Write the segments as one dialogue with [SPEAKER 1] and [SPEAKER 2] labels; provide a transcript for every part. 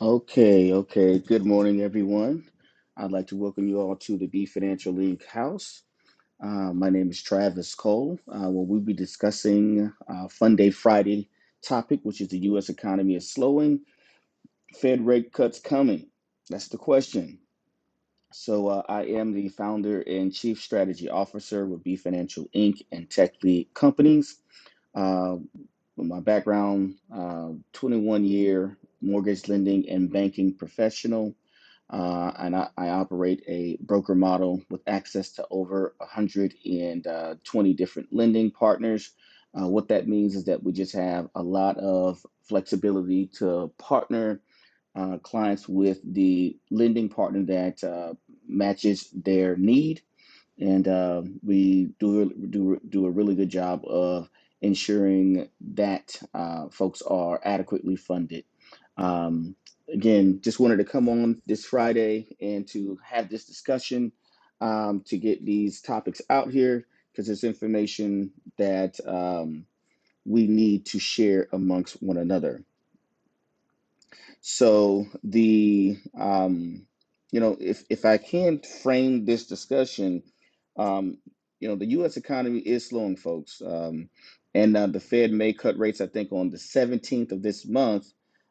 [SPEAKER 1] Okay, okay. Good morning, everyone. I'd like to welcome you all to the B Financial League House. Uh, my name is Travis Cole. Uh, where we'll be discussing uh, Fun Day Friday topic, which is the U.S. economy is slowing, Fed rate cuts coming. That's the question. So uh, I am the founder and chief strategy officer with B Financial Inc. and Tech Lead Companies. Uh, my background, uh, 21 year mortgage lending and banking professional. Uh, and I, I operate a broker model with access to over 120 different lending partners. Uh, what that means is that we just have a lot of flexibility to partner uh, clients with the lending partner that uh, matches their need and uh, we do really, do do a really good job of ensuring that uh, folks are adequately funded. Um, again, just wanted to come on this Friday and to have this discussion um, to get these topics out here because it's information that um, we need to share amongst one another. So the um, you know, if if I can frame this discussion, um, you know, the U.S. economy is slowing, folks, um, and uh, the Fed may cut rates. I think on the 17th of this month.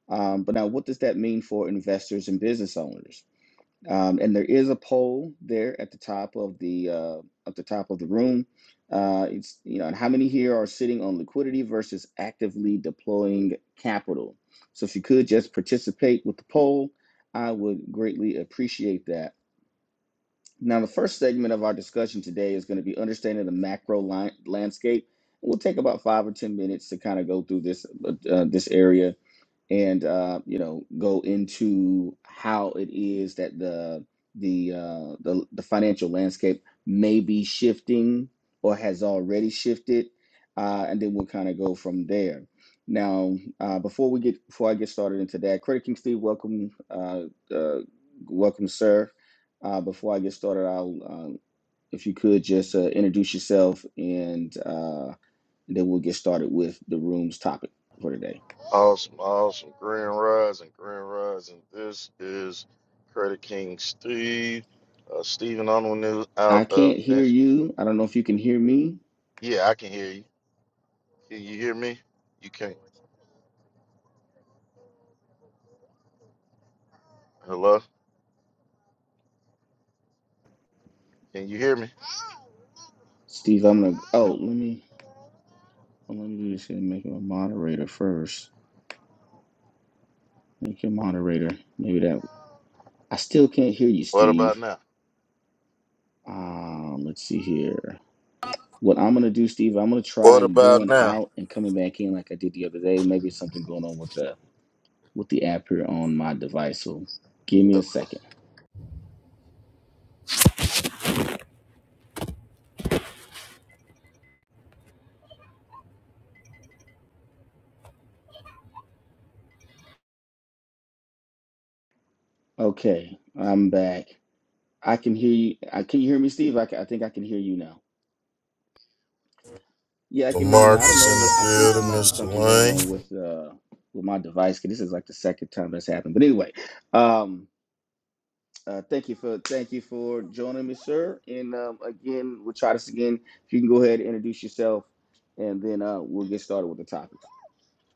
[SPEAKER 1] Um, but now, what does that mean for investors and business owners? Um, and there is a poll there at the top of the uh, at the top of the room. Uh, it's you know, and how many here are sitting on liquidity versus actively deploying capital? So if you could just participate with the poll, I would greatly appreciate that. Now, the first segment of our discussion today is going to be understanding the macro line, landscape. We'll take about five or ten minutes to kind of go through this uh, uh, this area and uh, you know go into how it is that the the, uh, the the financial landscape may be shifting or has already shifted, uh, and then we'll kind of go from there. Now, uh, before we get before I get started into that, Credit King Steve, welcome, uh, uh, welcome, sir. Uh, before I get started, I'll um, if you could just uh, introduce yourself, and, uh, and then we'll get started with the room's topic for today.
[SPEAKER 2] Awesome, awesome. Grand Rise and Grand Rise. And this is Credit King Steve. Uh, Steven on the news
[SPEAKER 1] I
[SPEAKER 2] out of
[SPEAKER 1] can't hear
[SPEAKER 2] Nash-
[SPEAKER 1] you. I don't know if you can hear me.
[SPEAKER 2] Yeah, I can hear you. Can you hear me? You can't. Hello? Can you hear me?
[SPEAKER 1] Steve, I'm gonna oh let me well, let me do this and make him a moderator first. Make him moderator. Maybe that I still can't hear you,
[SPEAKER 2] What about
[SPEAKER 1] Steve.
[SPEAKER 2] now?
[SPEAKER 1] Um, let's see here. What I'm gonna do, Steve, I'm gonna
[SPEAKER 2] What
[SPEAKER 1] try
[SPEAKER 2] about
[SPEAKER 1] going
[SPEAKER 2] now?
[SPEAKER 1] out and coming back in like I did the other day. Maybe it's something going on with the with the app here on my device. So give me a
[SPEAKER 2] Okay.
[SPEAKER 1] second. Okay, I'm back. I can hear you. I can you hear me, Steve? I, ca- I think I can hear you now. Yeah, I
[SPEAKER 2] So
[SPEAKER 1] can hear you
[SPEAKER 2] Mark
[SPEAKER 1] now. I don't
[SPEAKER 2] is in
[SPEAKER 1] know. what- I think
[SPEAKER 2] the
[SPEAKER 1] there
[SPEAKER 2] building,
[SPEAKER 1] might be
[SPEAKER 2] Mr.
[SPEAKER 1] something going on
[SPEAKER 2] Lane.
[SPEAKER 1] with uh with my device. 'cause this is like the second time that's happened. But anyway, um, uh, thank you for thank you for joining me, sir. And um, again, we'll try this again. If you can go ahead and introduce yourself, and then uh, we'll get started with the topic.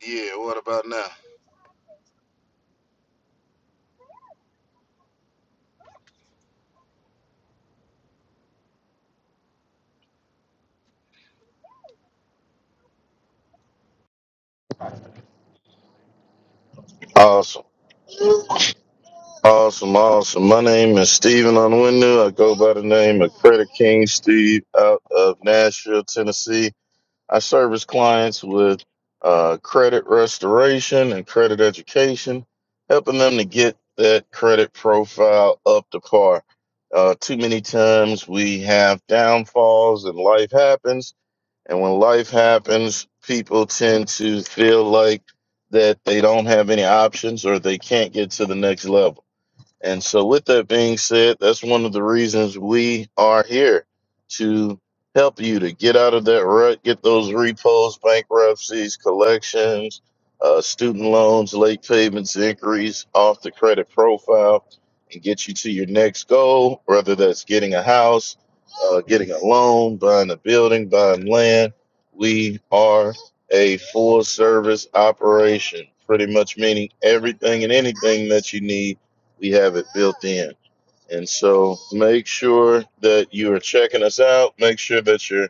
[SPEAKER 2] Yeah, what about now? Awesome. Awesome, awesome. My name is Steven on the window. I go by the name of Credit King Steve out of Nashville, Tennessee. I service clients with uh, credit restoration and credit education, helping them to get that credit profile up to par. Uh, too many times we have downfalls and life happens. And when life happens, people tend to feel like that they don't have any options or they can't get to the next level and so, with that being said, that's one of the reasons we are here to help you to get out of that rut, get those repos, bankruptcies, collections, uh, student loans, late payments, inquiries off the credit profile, and get you to your next goal, whether that's getting a house, uh, getting a loan, buying a building, buying land. We are a full service operation, pretty much meaning everything and anything that you need we have it built in. And so make sure that you are checking us out. Make sure that you're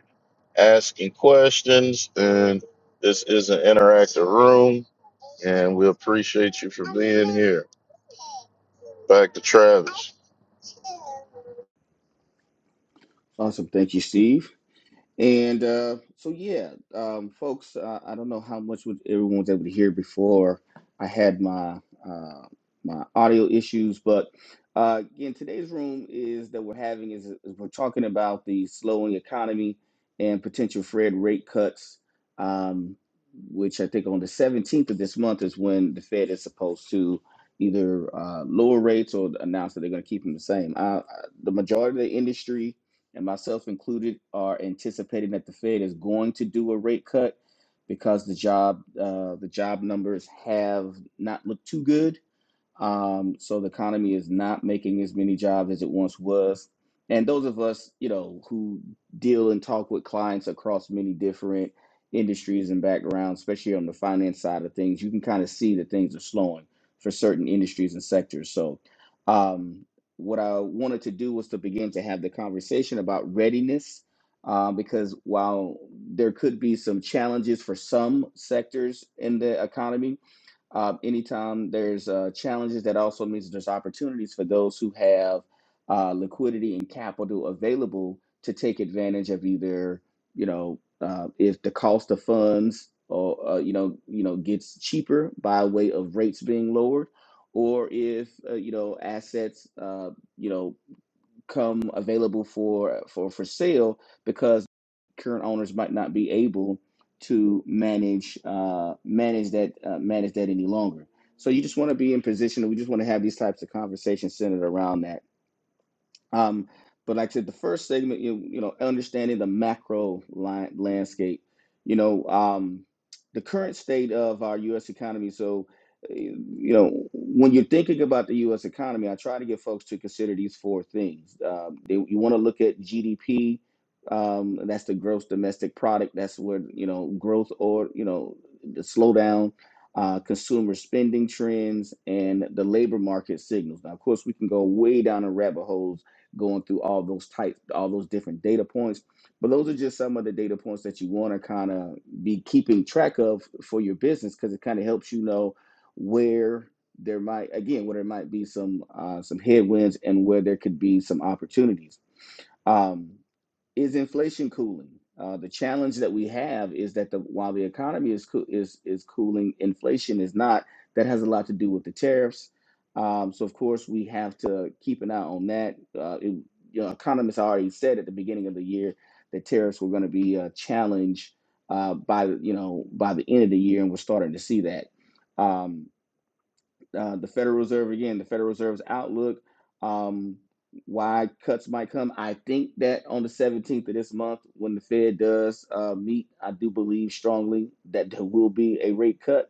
[SPEAKER 2] asking questions. And this is an interactive room. And we appreciate you for being here. Back to Travis.
[SPEAKER 1] Awesome. Thank you, Steve. And uh, so, yeah, um, folks, uh, I don't know how much would everyone was able to hear before I had my uh, my audio issues, but uh, again, today's room is that we're having is, is we're talking about the slowing economy and potential Fed rate cuts, um, which I think on the 17th of this month is when the Fed is supposed to either uh, lower rates or announce that they're going to keep them the same. Uh, uh, the majority of the industry and myself included, are anticipating that the Fed is going to do a rate cut because the job uh, the job numbers have not looked too good um, so the economy is not making as many jobs as it once was. And those of us, you know, who deal and talk with clients across many different industries and backgrounds, especially on the finance side of things, you can kind of see that things are slowing for certain industries and sectors. So, um, what I wanted to do was to begin to have the conversation about readiness, uh, because while there could be some challenges for some sectors in the economy, um, anytime there's uh, challenges, that also means there's opportunities for those who have uh, liquidity and capital available to take advantage of either, you know, uh, if the cost of funds or uh, you know, you know, gets cheaper by way of rates being lowered, or if uh, you know assets, uh, you know come available for for for sale because current owners might not be able to manage uh, manage that uh, manage that any longer. So you just want to be in position. We just want to have these types of conversations centered around that um, but like I said, the first segment, you, you know, understanding the macro line, landscape, you know, um, the current state of our U.S. economy. So, eh, you know, when you're thinking about the U.S. economy, I try to get folks to consider these four things. Um, they, you want to look at GDP. Um, that's the gross domestic product. That's where you know growth or you know the slowdown, uh, consumer spending trends, and the labor market signals. Now, of course, we can go way down in rabbit holes going through all those types, all those different data points. But those are just some of the data points that you want to kind of be keeping track of for your business because it kind of helps you know where there might again where there might be some uh, some headwinds and where there could be some opportunities. Um, is inflation cooling? Uh, the challenge that we have is that the while the economy is coo- is is cooling, inflation is not. That has a lot to do with the tariffs. Um, so of course we have to keep an eye on that. Uh, it, you know, economists already said at the beginning of the year that tariffs were going to be a challenge uh, by the- you know by the end of the year, and we're starting to see that. Um, uh, the Federal Reserve again, the Federal Reserve's outlook, um, why cuts might come. I think that on the 17th of this month, when the Fed does uh, meet, I do believe strongly that there will be a rate cut.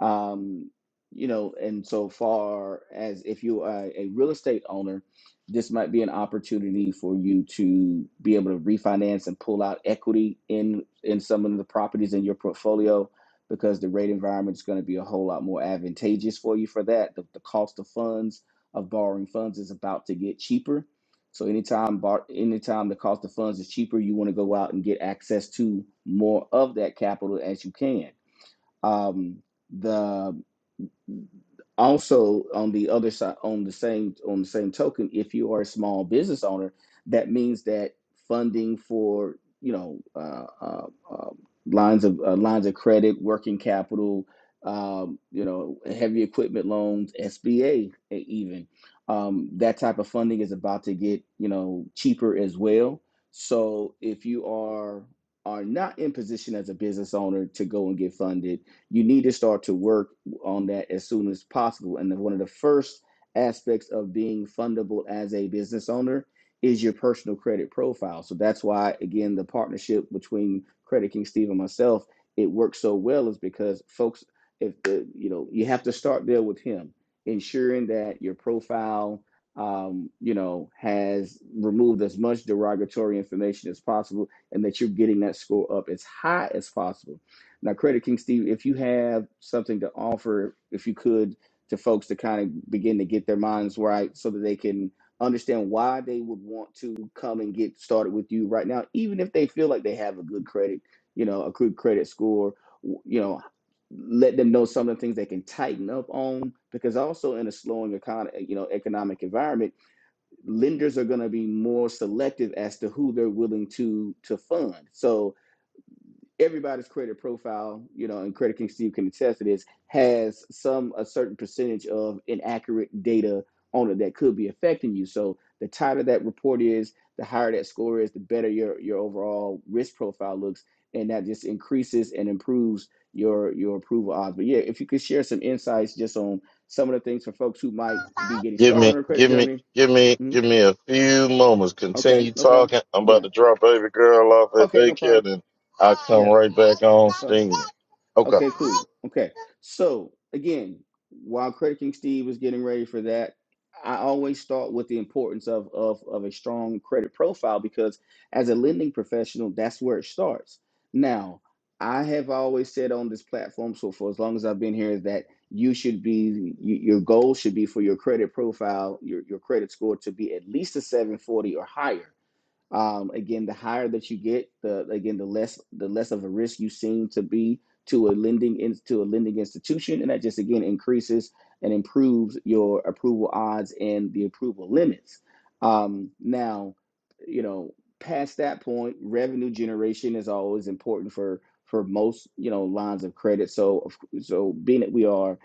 [SPEAKER 1] Um, you know, and so far as if you are a real estate owner, this might be an opportunity for you to be able to refinance and pull out equity in in some of the properties in your portfolio because the rate environment is going to be a whole lot more advantageous for you for that. The, the cost of funds of borrowing funds is about to get cheaper. So anytime bar, anytime the cost of funds is cheaper, you want to go out and get access to more of that capital as you can um the also on the other side on the same on the same token if you are a small business owner that means that funding for you know uh, uh, uh, lines of uh, lines of credit working capital um, you know heavy equipment loans sba e- even um, that type of funding is about to get you know cheaper as well so if you are are not in position as a business owner to go and get funded you need to start to work on that as soon as possible. And one of the first aspects of being fundable as a business owner is your personal credit profile. So that's why, again, the partnership between Credit King Steve and myself, it works so well is because folks, if the, you know, you have to start there with him, ensuring that your profile, um, you know, has removed as much derogatory information as possible and that you're getting that score up as high as possible now, Credit King Steve, if you have something to offer, if you could, to folks to kind of begin to get their minds right so that they can understand why they would want to come and get started with you right now, even if they feel like they have a good credit, you know, a good credit score, you know, let them know some of the things they can tighten up on because also in a slowing economy, you know, economic environment, lenders are going to be more selective as to who they're willing to to fund. So, everybody's credit profile, you know, and Credit King Steve can attest to this, has some a certain percentage of inaccurate data on it that could be affecting you. So the tighter that report is, the higher that score is, the better your your overall risk profile looks, and that just increases and improves your your approval odds. But yeah, if you could share some insights just on some of the things for folks who might be getting
[SPEAKER 2] Give
[SPEAKER 1] started on
[SPEAKER 2] me,
[SPEAKER 1] their credit
[SPEAKER 2] give me,
[SPEAKER 1] journey.
[SPEAKER 2] give me,
[SPEAKER 1] Mhm.
[SPEAKER 2] give me a few moments.
[SPEAKER 1] Okay,
[SPEAKER 2] Continue
[SPEAKER 1] no problem.
[SPEAKER 2] talking. I'm about
[SPEAKER 1] Yeah.
[SPEAKER 2] to drop baby girl off at
[SPEAKER 1] Okay, no
[SPEAKER 2] daycare,
[SPEAKER 1] problem.
[SPEAKER 2] then I'll come
[SPEAKER 1] Yeah,
[SPEAKER 2] right back on
[SPEAKER 1] it's fine.
[SPEAKER 2] steam. Okay.
[SPEAKER 1] Okay, cool. Okay. So again, while Credit King Steve was getting ready for that, I always start with the importance of, of, of a strong credit profile because as a lending professional, that's where it starts. Now, I have always said on this platform, so for as long as I've been here, is that you should be, you, your goal should be for your credit profile, your, your credit score to be at least a 740 or higher um, again, the higher that you get, the again the less the less of a risk you seem to be to a lending in, to a lending institution, and that just again increases and improves your approval odds and the approval limits. Um, now, you know, past that point, revenue generation is always important for for most you know lines of credit. So, so being that we are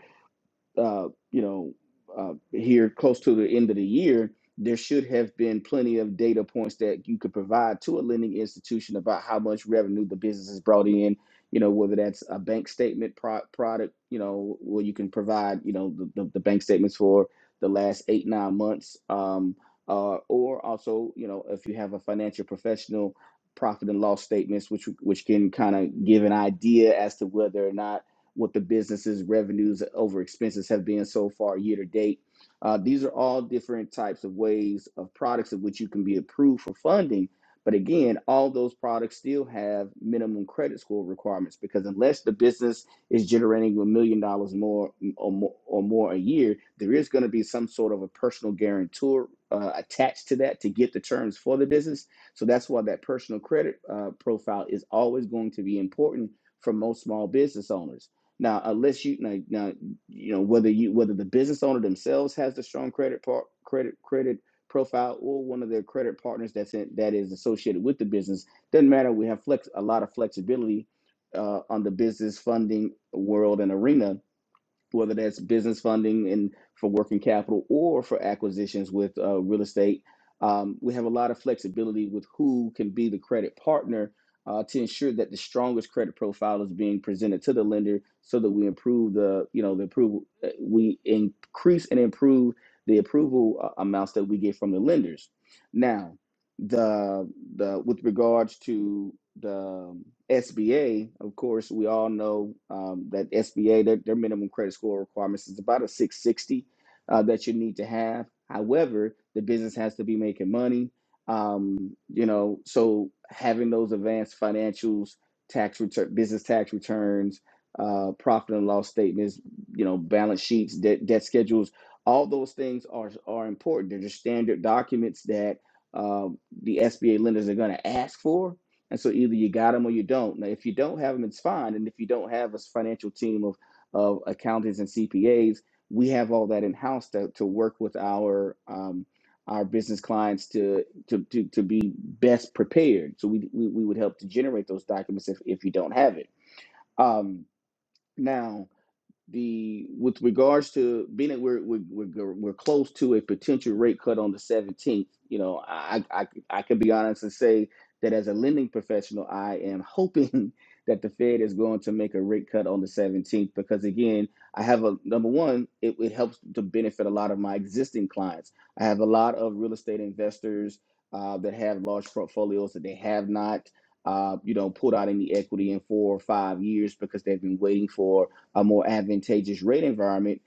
[SPEAKER 1] uh, you know, uh, here close to the end of the year, there should have been plenty of data points that you could provide to a lending institution about how much revenue the business has brought in. You know, whether that's a bank statement pro- product, you know, where you can provide, you know, the, the, the bank statements for the last eight nine months, um, uh, or also, you know, if you have a financial professional, profit and loss statements, which which can kind of give an idea as to whether or not what the business's revenues over expenses have been so far year to date. Uh, these are all different types of ways of products of which you can be approved for funding. But again, all those products still have minimum credit score requirements because unless the business is generating a million dollars more or more or more a year, there is going to be some sort of a personal guarantor uh, attached to that to get the terms for the business. So that's why that personal credit uh, profile is always going to be important for most small business owners now, unless you now, now you know whether you whether the business owner themselves has the strong credit part credit credit profile or one of their credit partners that's in, that is associated with the business doesn't matter. We have flex a lot of flexibility uh, on the business funding world and arena whether that's business funding and for working capital or for acquisitions with uh, real estate. Um, we have a lot of flexibility with who can be the credit partner uh, to ensure that the strongest credit profile is being presented to the lender, so that we improve the you know the approval uh, we increase and improve the approval uh, amounts that we get from the lenders. Now, the the with regards to the SBA, of course, we all know um, that SBA their, their minimum credit score requirements is about a 660 uh, that you need to have. However, the business has to be making money. Um, you know, so having those advanced financials, tax return, business tax returns, uh, profit and loss statements, you know, balance sheets, debt, debt schedules, all those things are are important. They're just standard documents that uh, the SBA lenders are going to ask for. And so either you got them or you don't. Now, if you don't have them, it's fine. And if you don't have a financial team of, of accountants and CPAs, we have all that in house to, to work with our um, our business clients to, to to to be best prepared. So we, we we would help to generate those documents if if you don't have it. Um, now the with regards to being that we're we're we're, we're close to a potential rate cut on the 17th you know I, I i can be honest and say that as a lending professional i am hoping that the fed is going to make a rate cut on the 17th because again i have a number one it, it helps to benefit a lot of my existing clients i have a lot of real estate investors uh, that have large portfolios that they have not uh, you know pulled out any equity in four or five years because they've been waiting for a more advantageous rate environment,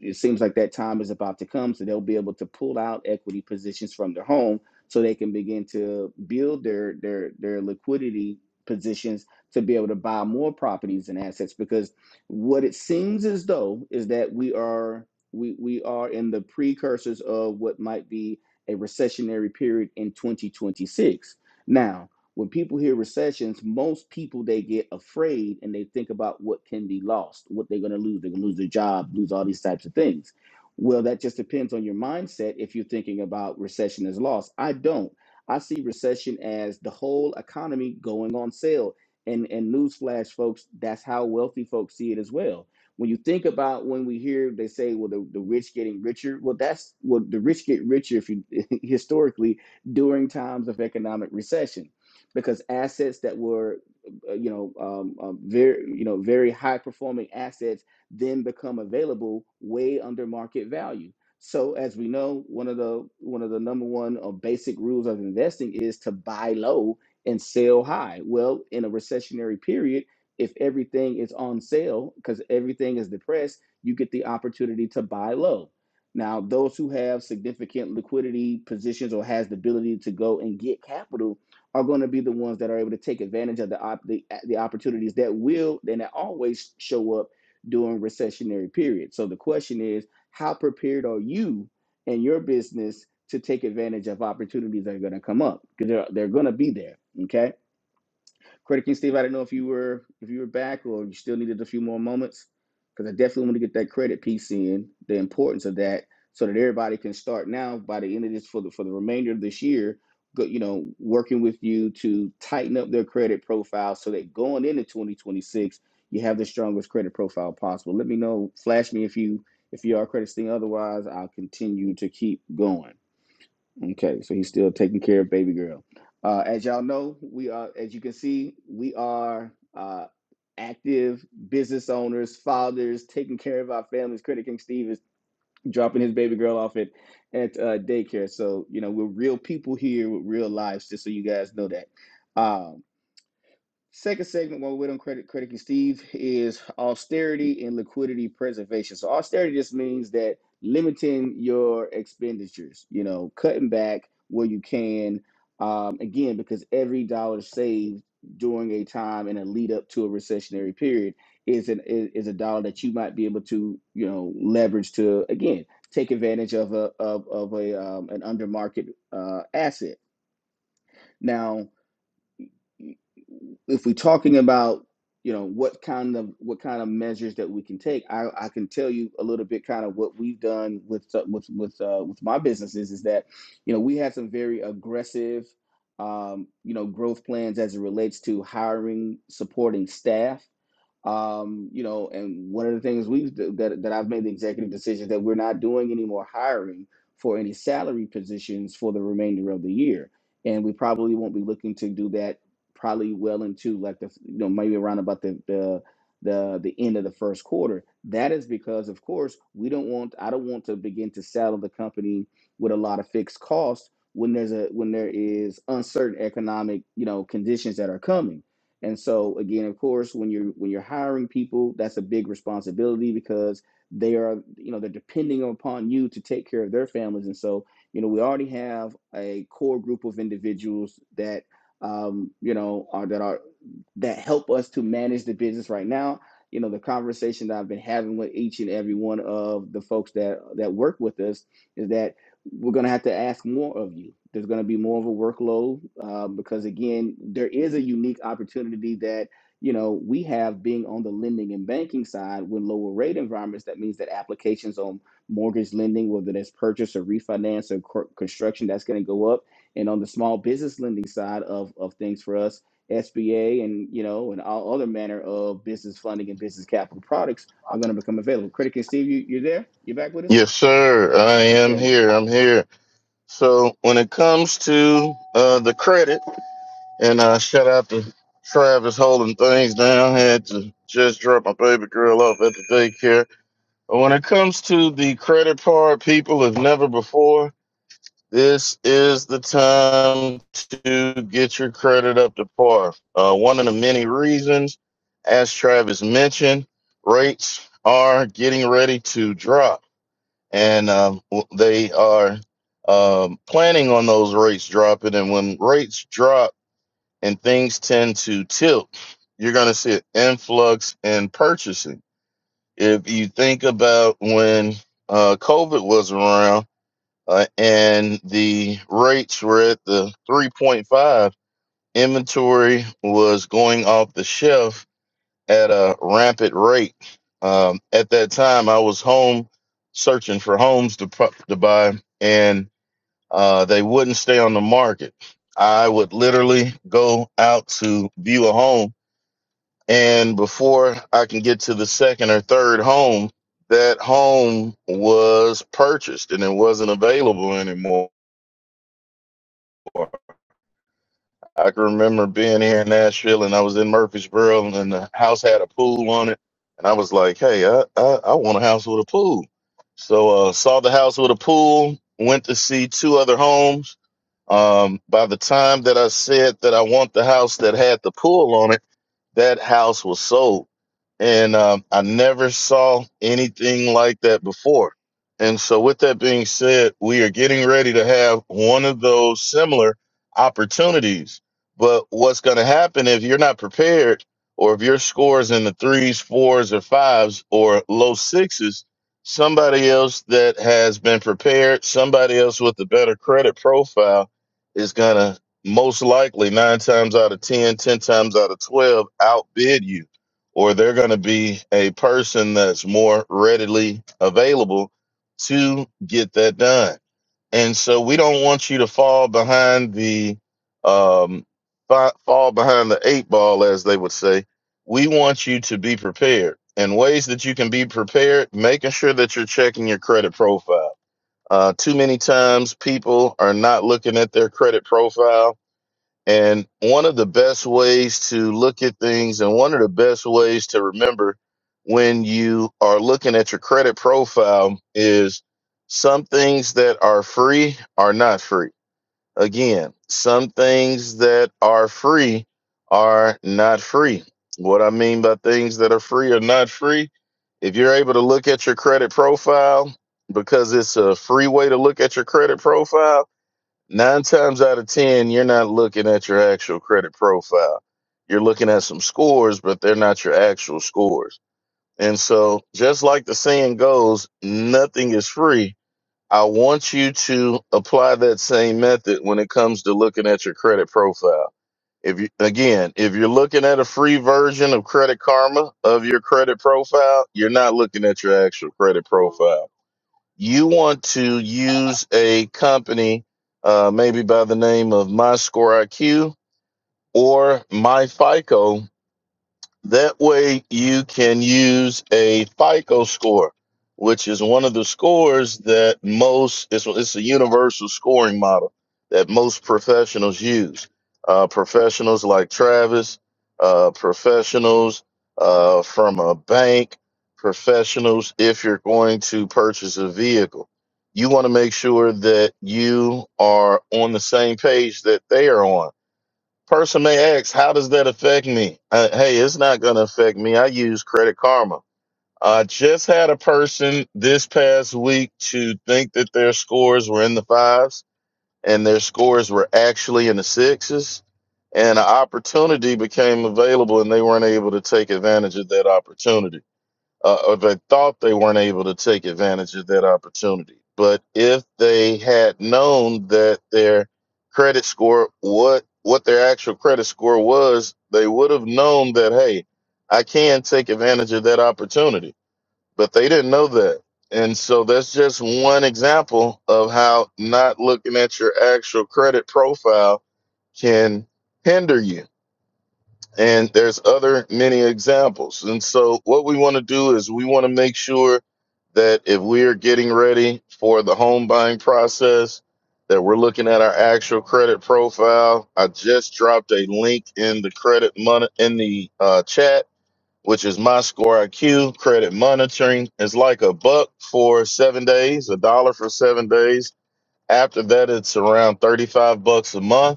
[SPEAKER 1] it seems like that time is about to come. So they'll be able to pull out equity positions from their home so they can begin to build their their their liquidity positions to be able to buy more properties and assets because what it seems as though is that we are we we are in the precursors of what might be a recessionary period in 2026. Now, when people hear recessions, most people they get afraid and they think about what can be lost, what they're going to lose. They're going to lose their job, lose all these types of things. Well, that just depends on your mindset if you're thinking about recession as loss. I don't. I see recession as the whole economy going on sale. And and newsflash, folks, that's how wealthy folks see it as well when you think about when we hear they say well the, the rich getting richer well that's well the rich get richer if you historically during times of economic recession because assets that were uh, you know um, um, very you know very high performing assets then become available way under market value so as we know one of the one of the number one or basic rules of investing is to buy low and sell high well in a recessionary period if everything is on sale because everything is depressed you get the opportunity to buy low now those who have significant liquidity positions or has the ability to go and get capital are going to be the ones that are able to take advantage of the op- the, the opportunities that will and that always show up during recessionary periods. So the question is, how prepared are you and your business to take advantage of opportunities that are going to come up? Because they're, they're going to be there. Okay. Credit King Steve, I didn't know if you were if you were back or you still needed a few more moments because I definitely want to get that credit piece in, the importance of that, so that everybody can start now by the end of this for the for the remainder of this year. Go, you know, working with you to tighten up their credit profile so that going into 2026, you have the strongest credit profile possible. Let me know, flash me if you if you are credit Steve. Otherwise, I'll continue to keep going. Okay, so he's still taking care of baby girl. Uh, as y'all know, we are, as you can see, we are uh, active business owners, fathers, taking care of our families. Credit King Steve is dropping his baby girl off at at uh, daycare. So you know we're real people here with real lives, just so you guys know that. Um, Second segment, while we're on credit crediting Steve, is austerity and liquidity preservation. So austerity just means that limiting your expenditures, you know, cutting back where you can. Um, again, because every dollar saved during a time and a lead up to a recessionary period is an is, is a dollar that you might be able to, you know, leverage to again take advantage of a of, of a um, an under market uh, asset. Now if we're talking about you know what kind of what kind of measures that we can take i i can tell you a little bit kind of what we've done with uh, with with uh with my businesses is that you know we had some very aggressive um you know growth plans as it relates to hiring supporting staff um, you know, and one of the things we've that that I've made the executive decision that we're not doing any more hiring for any salary positions for the remainder of the year, and we probably won't be looking to do that probably well into like the you know maybe around about the the the, the end of the first quarter. That is because of course we don't want I don't want to begin to saddle the company with a lot of fixed costs when there's a when there is uncertain economic you know conditions that are coming and so again, of course, when you're when you're hiring people, that's a big responsibility because they are, you know, they're depending upon you to take care of their families. And so, you know, we already have a core group of individuals that um, you know, are that are that help us to manage the business right now. You know, the conversation that I've been having with each and every one of the folks that that work with us is that we're going to have to ask more of you. There's going to be more of a workload uh, because, again, there is a unique opportunity that you know we have being on the lending and banking side with lower rate environments. That means that applications on mortgage lending, whether that's purchase or refinance or cor- construction, that's going to go up. And on the small business lending side of of things for us, SBA and you know and all other manner of business funding and business capital products are going to become available. Critic and Steve, you you there? You back with us?
[SPEAKER 2] Yes, sir. I am
[SPEAKER 1] Okay.
[SPEAKER 2] here. I'm here. So when it comes to uh, the credit, and uh, shout out to Travis holding things down. Had to just drop my baby girl off at the daycare. But when it comes to the credit part, people, if never before, this is the time to get your credit up to par. Uh, one of the many reasons, as Travis mentioned, rates are getting ready to drop and um, w- they are um, planning on those rates dropping. And when rates drop and things tend to tilt, you're going to see an influx in purchasing. If you think about when uh, COVID was around uh, and the rates were at the 3.5, inventory was going off the shelf at a rampant rate. Um, at that time, I was home searching for homes to, pu- to buy, and uh, they wouldn't stay on the market. I would literally go out to view a home, and before I can get to the second or third home, that home was purchased and it wasn't available anymore. I can remember being here in Nashville and I was in Murfreesboro and the house had a pool on it. And I was like, hey, I, I, I want a house with a pool. So uh, saw the house with a pool, went to see two other homes. Um, by the time that I said that I want the house that had the pool on it, that house was sold. And um, I never saw anything like that before. And so, with that being said, we are getting ready to have one of those similar opportunities. But what's going to happen if you're not prepared, or if your score is in the threes, fours, or fives, or low sixes, somebody else that has been prepared, somebody else with a better credit profile, is going to most likely nine times out of ten, ten times out of 12 outbid you, or they're going to be a person that's more readily available to get that done. And so we don't want you to fall behind the, um, fa- fall behind the eight ball, as they would say. We want you to be prepared and ways that you can be prepared, making sure that you're checking your credit profile. Uh, too many times people are not looking at their credit profile and one of the best ways to look at things, and one of the best ways to remember when you are looking at your credit profile, is some things that are free are not free. Again, some things that are free are not free. What I mean by things that are free are not free, if you're able to look at your credit profile, because it's a free way to look at your credit profile Nine times out of 10, you're not looking at your actual credit profile. You're looking at some scores, but they're not your actual scores. And so, just like the saying goes, nothing is free. I want you to apply that same method when it comes to looking at your credit profile. If you, again, if you're looking at a free version of Credit Karma of your credit profile, you're not looking at your actual credit profile you want to use a company, uh, maybe by the name of MyScoreIQ or MyFICO that way you can use a FICO score, which is one of the scores that most, it's, it's a universal scoring model that most professionals use. Uh, professionals like Travis, uh, professionals uh, from a bank, professionals if you're going to purchase a vehicle. You want to make sure that you are on the same page that they are on Person may ask, how does that affect me? Uh, hey, it's not going to affect me. I use Credit Karma. I just had a person this past week to think that their scores were in the fives and their scores were actually in the sixes. And an opportunity became available and they weren't able to take advantage of that opportunity uh, or they thought they weren't able to take advantage of that opportunity. But if they had known that their credit score, what what their actual credit score was, they would have known that hey, I can take advantage of that opportunity. But they didn't know that, and so that's just one example of how not looking at your actual credit profile can hinder you and there's other many examples and so what we want to do is we want to make sure that if we are getting ready for the home buying process that we're looking at our actual credit profile i just dropped a link in the credit mon- in the uh, chat which is my score iq credit monitoring it's like a buck for seven days a dollar for seven days after that it's around 35 bucks a month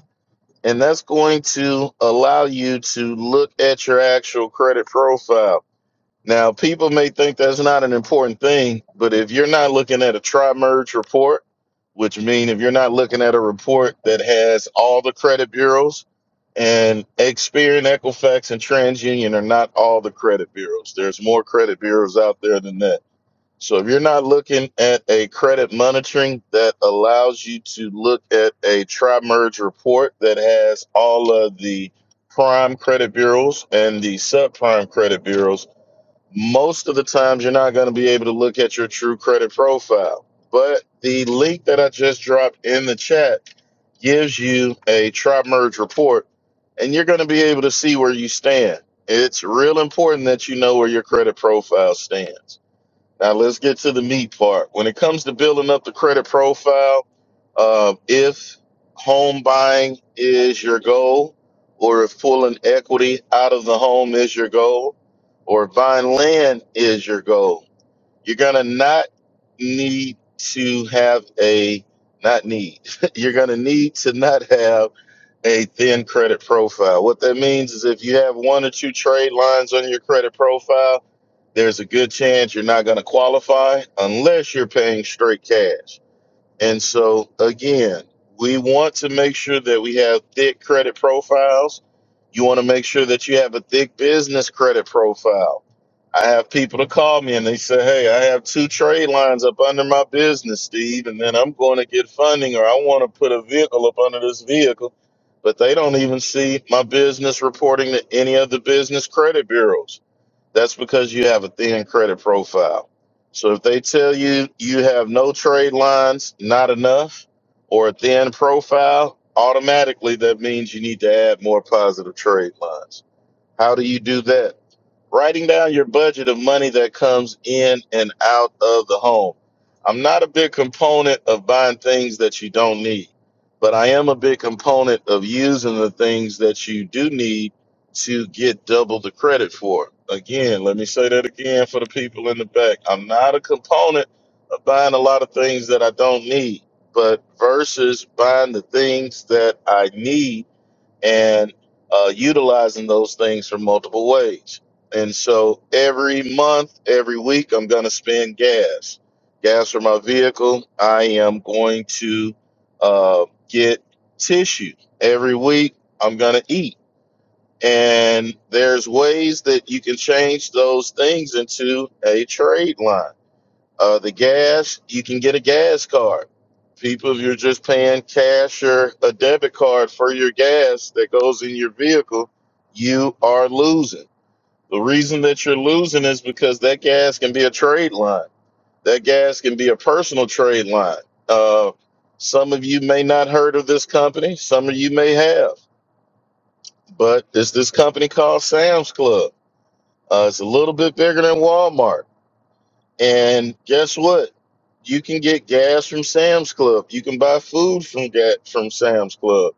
[SPEAKER 2] and that's going to allow you to look at your actual credit profile. Now, people may think that's not an important thing, but if you're not looking at a tri-merge report, which means if you're not looking at a report that has all the credit bureaus, and Experian, Equifax, and TransUnion are not all the credit bureaus. There's more credit bureaus out there than that so if you're not looking at a credit monitoring that allows you to look at a tri-merge report that has all of the prime credit bureaus and the subprime credit bureaus, most of the times you're not going to be able to look at your true credit profile. But the link that I just dropped in the chat gives you a tri-merge report and you're going to be able to see where you stand. It's real important that you know where your credit profile stands. Now let's get to the meat part. When it comes to building up the credit profile, uh, if home buying is your goal, or if pulling equity out of the home is your goal, or buying land is your goal, you're gonna not need to have a not need. you're gonna need to not have a thin credit profile. What that means is if you have one or two trade lines on your credit profile there's a good chance you're not going to qualify unless you're paying straight cash. And so, again, we want to make sure that we have thick credit profiles. You want to make sure that you have a thick business credit profile. I have people to call me and they say, Hey, I have two trade lines up under my business, Steve, and then I'm going to get funding or I want to put a vehicle up under this vehicle. But they don't even see my business reporting to any of the business credit bureaus that's because you have a thin credit profile. So if they tell you you have no trade lines, not enough, or a thin profile, automatically that means you need to add more positive trade lines. How do you do that? writing down your budget of money that comes in and out of the home. I'm not a big component of buying things that you don't need, but I am a big component of using the things that you do need to get double the credit for. Again, let me say that again for the people in the back. I'm not a component of buying a lot of things that I don't need, but versus buying the things that I need and uh, utilizing those things for multiple ways. And so every month, every week, I'm going to spend gas, gas for my vehicle. I am going to uh, get tissue every week. I'm going to eat. And there's ways that you can change those things into a trade line uh, the gas, you can get a gas card. People, if you're just paying cash or a debit card for your gas that goes in your vehicle, you are losing. The reason that you're losing is because that gas can be a trade line. That gas can be a personal trade line. Uh, some of you may not heard of this company. Some of you may have, but there's this company called Sam's Club. Uh, it's a little bit bigger than Walmart and guess what? You can get gas from Sam's Club. You can buy food from ga- from Sam's Club.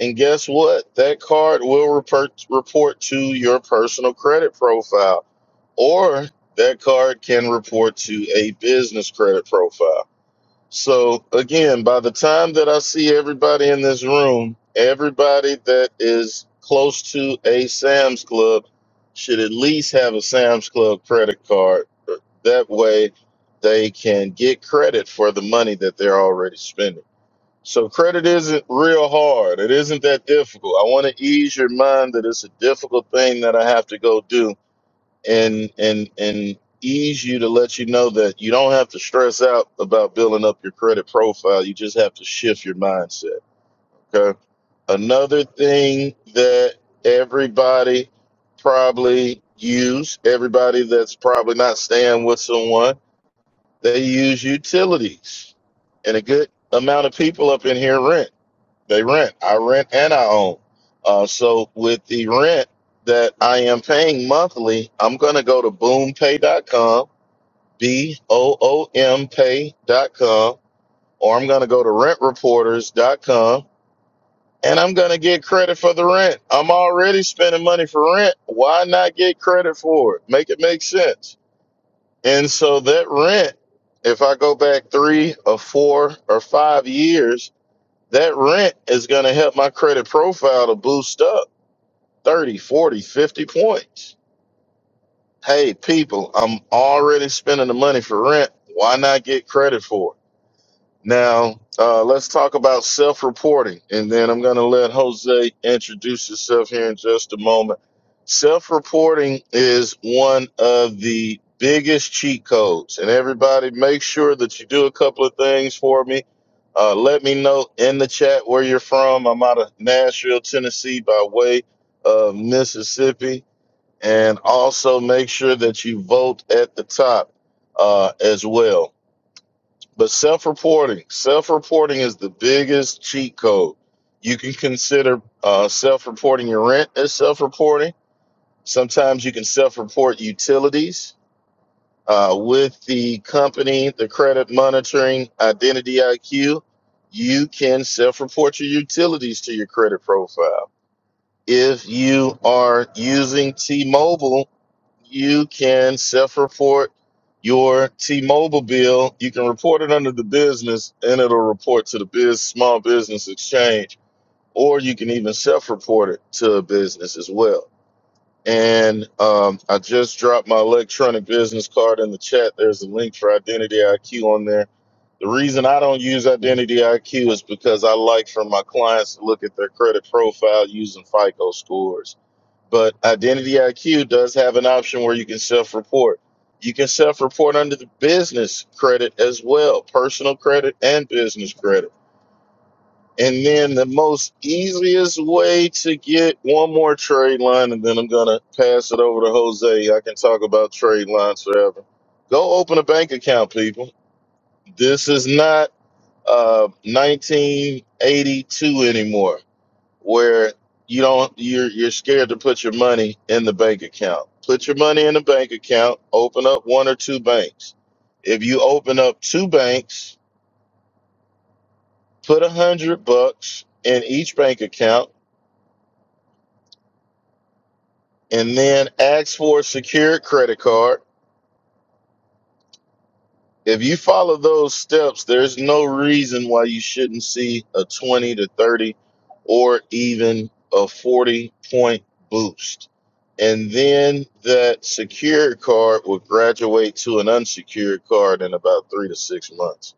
[SPEAKER 2] And guess what? That card will report report to your personal credit profile, or that card can report to a business credit profile. So again, by the time that I see everybody in this room, everybody that is close to a Sam's Club should at least have a Sam's Club credit card. That way they can get credit for the money that they're already spending. So credit isn't real hard. It isn't that difficult. I want to ease your mind that it's a difficult thing that I have to go do and and and ease you to let you know that you don't have to stress out about building up your credit profile. You just have to shift your mindset. Okay. Another thing that everybody probably use, everybody that's probably not staying with someone, they use utilities. And a good amount of people up in here rent. They rent. I rent and I own. Uh, so with the rent that I am paying monthly, I'm going to go to boompay.com, B O O M pay.com, or I'm going to go to rentreporters.com and I'm going to get credit for the rent. I'm already spending money for rent. Why not get credit for it? Make it make sense. And so that rent, if I go back three or four or five years, that rent is going to help my credit profile to boost up 30, 40, 50 points. Hey, people, I'm already spending the money for rent. Why not get credit for it? Now, uh, let's talk about self reporting, and then I'm going to let Jose introduce himself here in just a moment. Self reporting is one of the biggest cheat codes, and everybody make sure that you do a couple of things for me. Uh, let me know in the chat where you're from. I'm out of Nashville, Tennessee, by way of Mississippi. And also make sure that you vote at the top uh, as well but self reporting, self reporting is the biggest cheat code. You can consider uh, self reporting your rent as self reporting. Sometimes you can self report utilities uh, with the company, the credit monitoring, identity IQ. You can self report your utilities to your credit profile. If you are using T Mobile, you can self report your T Mobile bill. You can report it under the business and it'll report to the biz small business exchange, or you can even self report it to a business as well. And um, I just dropped my electronic business card in the chat. There's a link for Identity IQ on there. The reason I don't use Identity IQ is because I like for my clients to look at their credit profile using FICO scores but Identity IQ does have an option where you can self report. You can self report under the business credit as well, personal credit and business credit. And then the most easiest way to get one more trade line, and then I'm going to pass it over to Jose. I can talk about trade lines forever. Go open a bank account, people. This is not uh, 1982 anymore where you don't you're you're scared to put your money in the bank account. Put your money in the bank account, open up one or two banks. If you open up two banks, put a hundred bucks in each bank account and then ask for a secured credit card If you follow those steps, there's no reason why you shouldn't see a 20 to 30 or even a 40 point boost. And then that secured card will graduate to an unsecured card in about three to six months.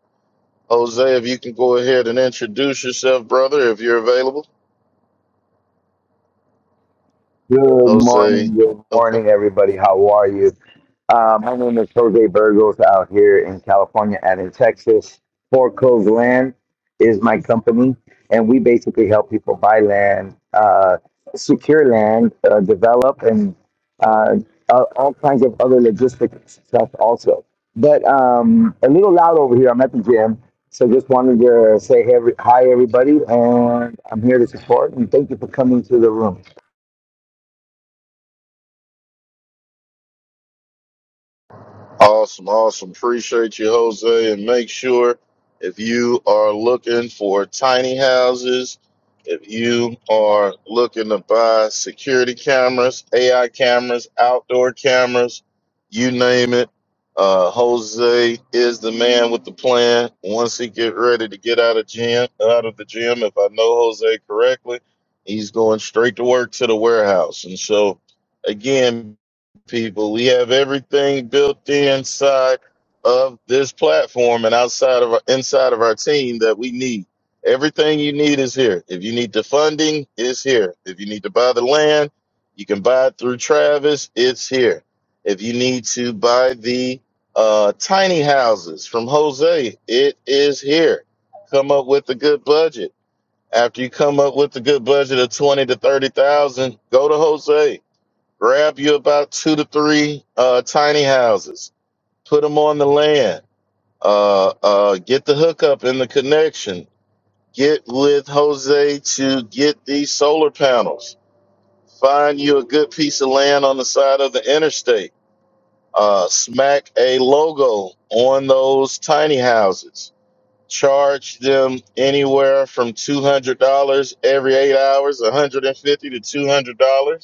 [SPEAKER 2] Jose, if you can go ahead and introduce yourself, brother, if you're available.
[SPEAKER 3] Good
[SPEAKER 2] Jose,
[SPEAKER 3] morning, good
[SPEAKER 2] okay.
[SPEAKER 3] morning, everybody. How are you? Uh, my name is Jose Burgos out here in California and in Texas. Four Coves Land is my company, and we basically help people buy land, uh, secure land, uh, develop, and uh, uh, all kinds of other logistics stuff also. But um, a little loud over here. I'm at the gym, so just wanted to say hey, every- hi, everybody, and I'm here to support and thank you for coming to the room.
[SPEAKER 2] Awesome, awesome. Appreciate you, Jose. And make sure if you are looking for tiny houses, if you are looking to buy security cameras, AI cameras, outdoor cameras, you name it, uh, Jose is the man with the plan. Once he get ready to get out of gym, out of the gym, if I know Jose correctly, he's going straight to work to the warehouse. And so, again, people. We have everything built inside of this platform and outside of our, inside of our team that we need. Everything you need is here. If you need the funding, it's here. If you need to buy the land, you can buy it through Travis. It's here. If you need to buy the uh, tiny houses from Jose, it is here. Come up with a good budget. After you come up with a good budget of twenty to thirty thousand, go to Jose grab you about two to three uh, tiny houses, put them on the land, uh, uh, get the hookup and the connection, get with Jose to get these solar panels, find you a good piece of land on the side of the interstate, uh, smack a logo on those tiny houses. Charge them anywhere from two hundred dollars every eight hours, one hundred and fifty to two hundred dollars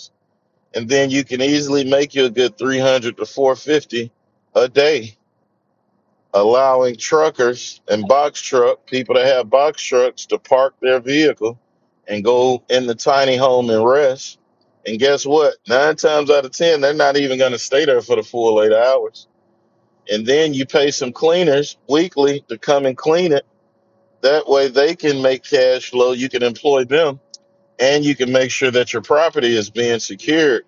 [SPEAKER 2] and then you can easily make you a good 300 to 450 a day allowing truckers and box truck people that have box trucks to park their vehicle and go in the tiny home and rest and guess what nine times out of ten they're not even going to stay there for the full eight hours and then you pay some cleaners weekly to come and clean it that way they can make cash flow you can employ them and you can make sure that your property is being secured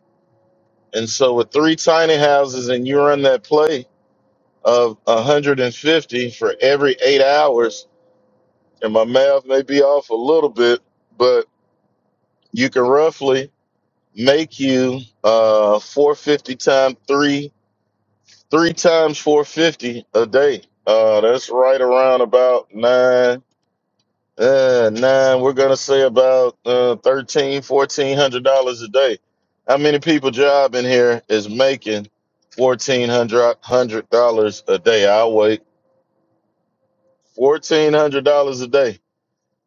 [SPEAKER 2] And so with three tiny houses and you run that play of 150 for every eight hours, and my math may be off a little bit, but you can roughly make you uh 450 times three, three times 450 a day. Uh, that's right around about nine. Uh, nine, we're gonna say about uh thirteen, fourteen hundred dollars a day. How many people job in here is making fourteen hundred hundred dollars a day? I'll wait. Fourteen hundred dollars a day.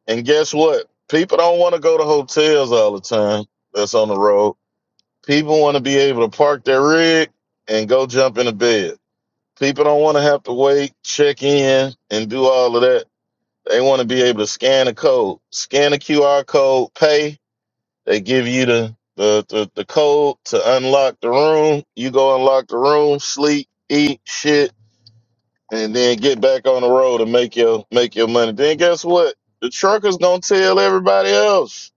[SPEAKER 2] And guess what? People don't want to go to hotels all the time that's on the road. People want to be able to park their rig and go jump in a bed. People don't want to have to wait, check in, and do all of that. They want to be able to scan a code, scan a QR code, pay, They give you the, the the the code to unlock the room. You go unlock the room, sleep, eat, shit, and then get back on the road and make your make your money. Then guess what? The truckers gonna tell everybody else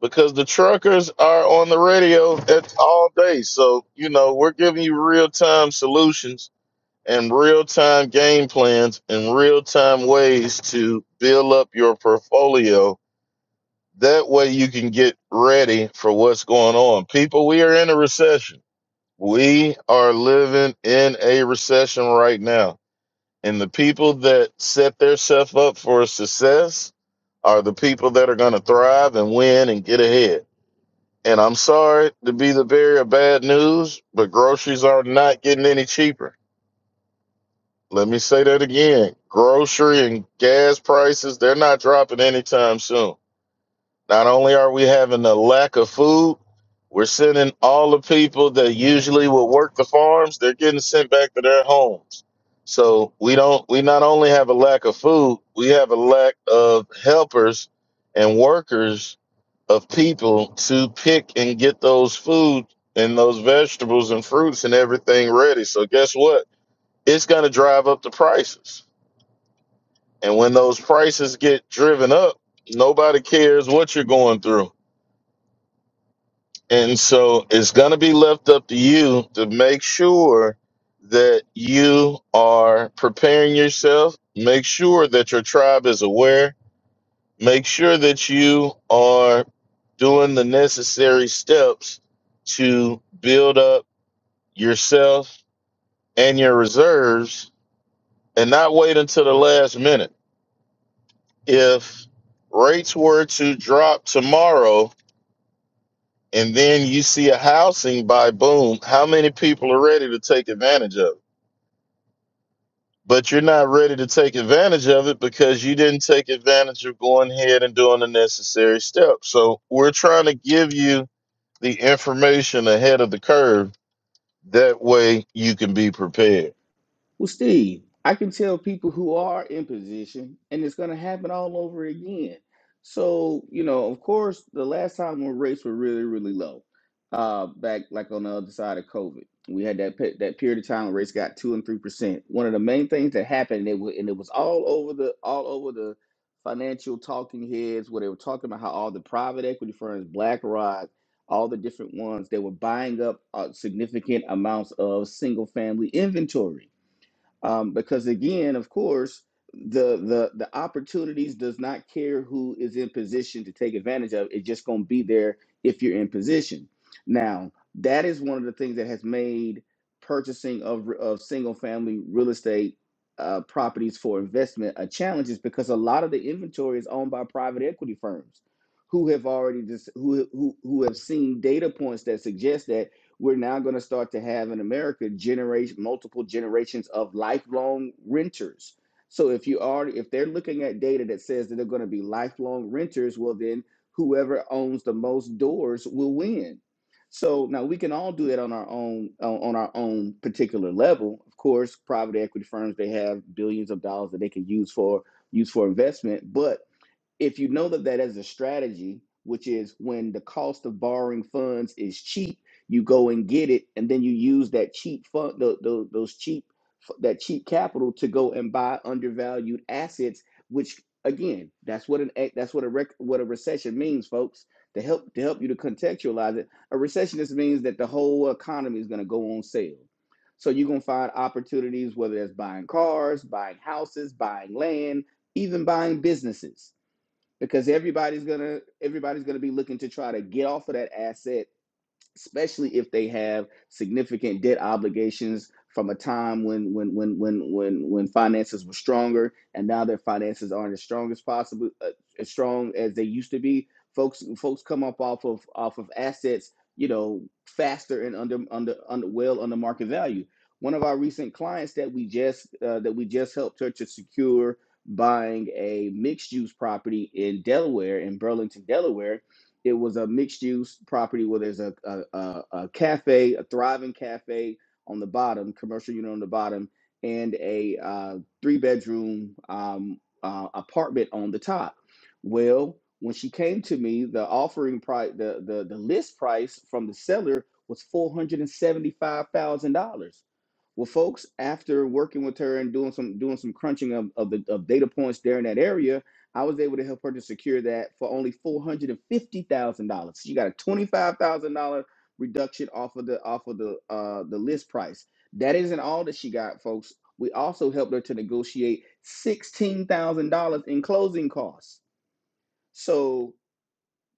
[SPEAKER 2] because the truckers are on the radio at all day. So you know we're giving you real time solutions and real time game plans and real time ways to build up your portfolio that way you can get ready for what's going on. People, we are in a recession. We are living in a recession right now. And the people that set themselves up for success are the people that are going to thrive and win and get ahead. And I'm sorry to be the bearer of bad news, but groceries are not getting any cheaper. Let me say that again. Grocery and gas prices, they're not dropping anytime soon Not only are we having a lack of food, we're sending all the people that usually would work the farms, they're getting sent back to their homes. So we don't we not only have a lack of food, we have a lack of helpers and workers of people to pick and get those food and those vegetables and fruits and everything ready. So guess what? It's gonna drive up the prices. And when those prices get driven up, nobody cares what you're going through And so it's going to be left up to you to make sure that you are preparing yourself, make sure that your tribe is aware, make sure that you are doing the necessary steps to build up yourself and your reserves and not wait until the last minute. If rates were to drop tomorrow, and then you see a housing by boom, how many people are ready to take advantage of it? But you're not ready to take advantage of it because you didn't take advantage of going ahead and doing the necessary steps. So we're trying to give you the information ahead of the curve. That way you can be prepared.
[SPEAKER 1] Well, Steve, I can tell people who are in position, and it's going to happen all over again. So, you know, of course, the last time when rates were really, really low, uh, back like on the other side of COVID, we had that pe- that period of time when rates got two and three percent. One of the main things that happened, and it was, and it was all over the all over the financial talking heads where they were talking about how all the private equity firms, BlackRock, all the different ones, they were buying up uh, significant amounts of single family inventory um, because again, of course, the the the opportunities does not care who is in position to take advantage of. It's just going to be there if you're in position. Now, that is one of the things that has made purchasing of of single family real estate uh, properties for investment a challenge, is because a lot of the inventory is owned by private equity firms who have already just who who who have seen data points that suggest that we're now going to start to have in America generate multiple generations of lifelong renters. So if you are if they're looking at data that says that they're going to be lifelong renters, well then whoever owns the most doors will win. So now we can all do that on our own on on our own particular level. Of course, private equity firms they have billions of dollars that they can use for use for investment, but if you know that that as a strategy which is when the cost of borrowing funds is cheap you go and get it and then you use that cheap fund those, those cheap that cheap capital to go and buy undervalued assets which again that's what an ec- that's what a rec, what a recession means folks to help to help you to contextualize it a recession just means that the whole economy is going to go on sale so you're going to find opportunities whether that's buying cars buying houses buying land even buying businesses because everybody's gonna everybody's gonna be looking to try to get off of that asset especially if they have significant debt obligations from a time when when when when when when finances were stronger and now their finances aren't as strong as possible uh, as strong as they used to be folks folks come up off of off of assets you know faster and under under under well under market value one of our recent clients that we just uh, that we just helped her to secure buying a mixed use property in Delaware in Burlington Delaware it was a mixed use property where there's a, a, a, a cafe, a thriving cafe on the bottom, commercial unit on the bottom, and a uh, three bedroom um, uh, apartment on the top. Well, when she came to me, the offering price, the, the, the list price from the seller was $475,000. Well, folks, after working with her and doing some doing some crunching of, of the of data points there in that area, I was able to help her to secure that for only four hundred and fifty thousand dollars. She got a twenty five thousand dollar reduction off of the off of the uh, the list price. That isn't all that she got, folks. We also helped her to negotiate sixteen thousand dollars in closing costs. So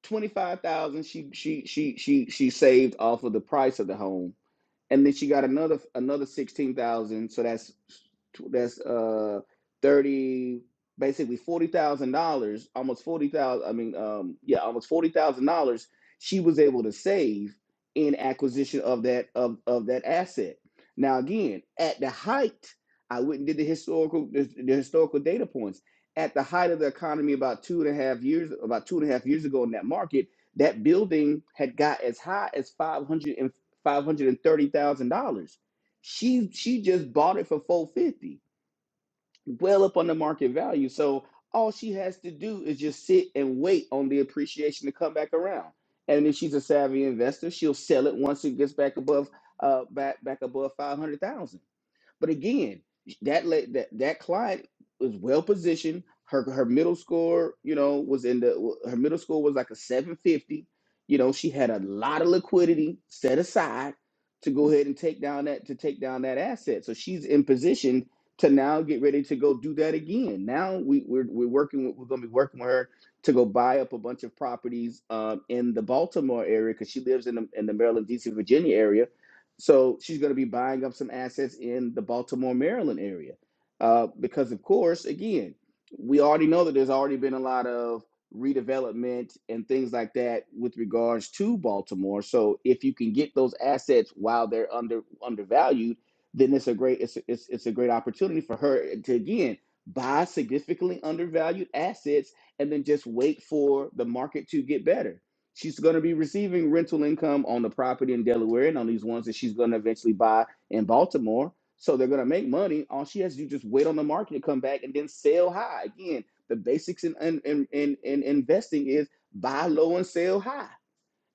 [SPEAKER 1] twenty-five thousand she she she she she saved off of the price of the home. And then she got another another sixteen thousand, so that's that's uh thirty basically forty thousand dollars, almost forty thousand I mean um yeah, almost forty thousand dollars she was able to save in acquisition of that of, of that asset. Now again, at the height, I went and did the historical the, the historical data points at the height of the economy about two and a half years about two and a half years ago in that market that building had got as high as five hundred and five hundred and thirty thousand dollars she she just bought it for 450 well up on the market value so all she has to do is just sit and wait on the appreciation to come back around and if she's a savvy investor she'll sell it once it gets back above uh back back above 500,000 but again, that that that client was well positioned. Her her middle score, you know, was in the her middle score was like a 750. You know, she had a lot of liquidity set aside to go ahead and take down that to take down that asset. So she's in position to now get ready to go do that again. Now we we're we're working with, we're going to be working with her to go buy up a bunch of properties um, in the Baltimore area because she lives in the in the Maryland, DC, Virginia area so she's going to be buying up some assets in the Baltimore, Maryland area. Uh, because, of course, again, we already know that there's already been a lot of redevelopment and things like that with regards to Baltimore. So if you can get those assets while they're under undervalued, then it's a great it's it's, it's a great opportunity for her to again buy significantly undervalued assets and then just wait for the market to get better She's going to be receiving rental income on the property in Delaware and on these ones that she's going to eventually buy in Baltimore. So they're going to make money. All she has to do is just wait on the market to come back and then sell high. Again, the basics in, in, in, in, in investing is buy low and sell high.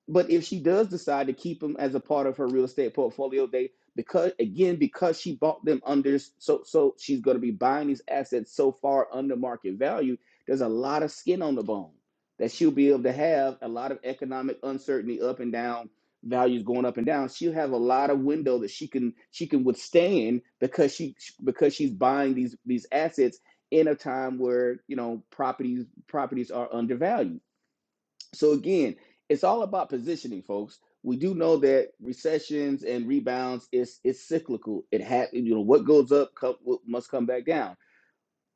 [SPEAKER 1] But if she does decide to keep them as a part of her real estate portfolio, they because again because she bought them under so so she's going to be buying these assets so far under market value. There's a lot of skin on the bone that she'll be able to have a lot of economic uncertainty up and down values going up and down she'll have a lot of window that she can she can withstand because she because she's buying these these assets in a time where you know properties properties are undervalued so again, it's all about positioning, folks. We do know that recessions and rebounds is it's cyclical. It happens. You know what goes up co- must come back down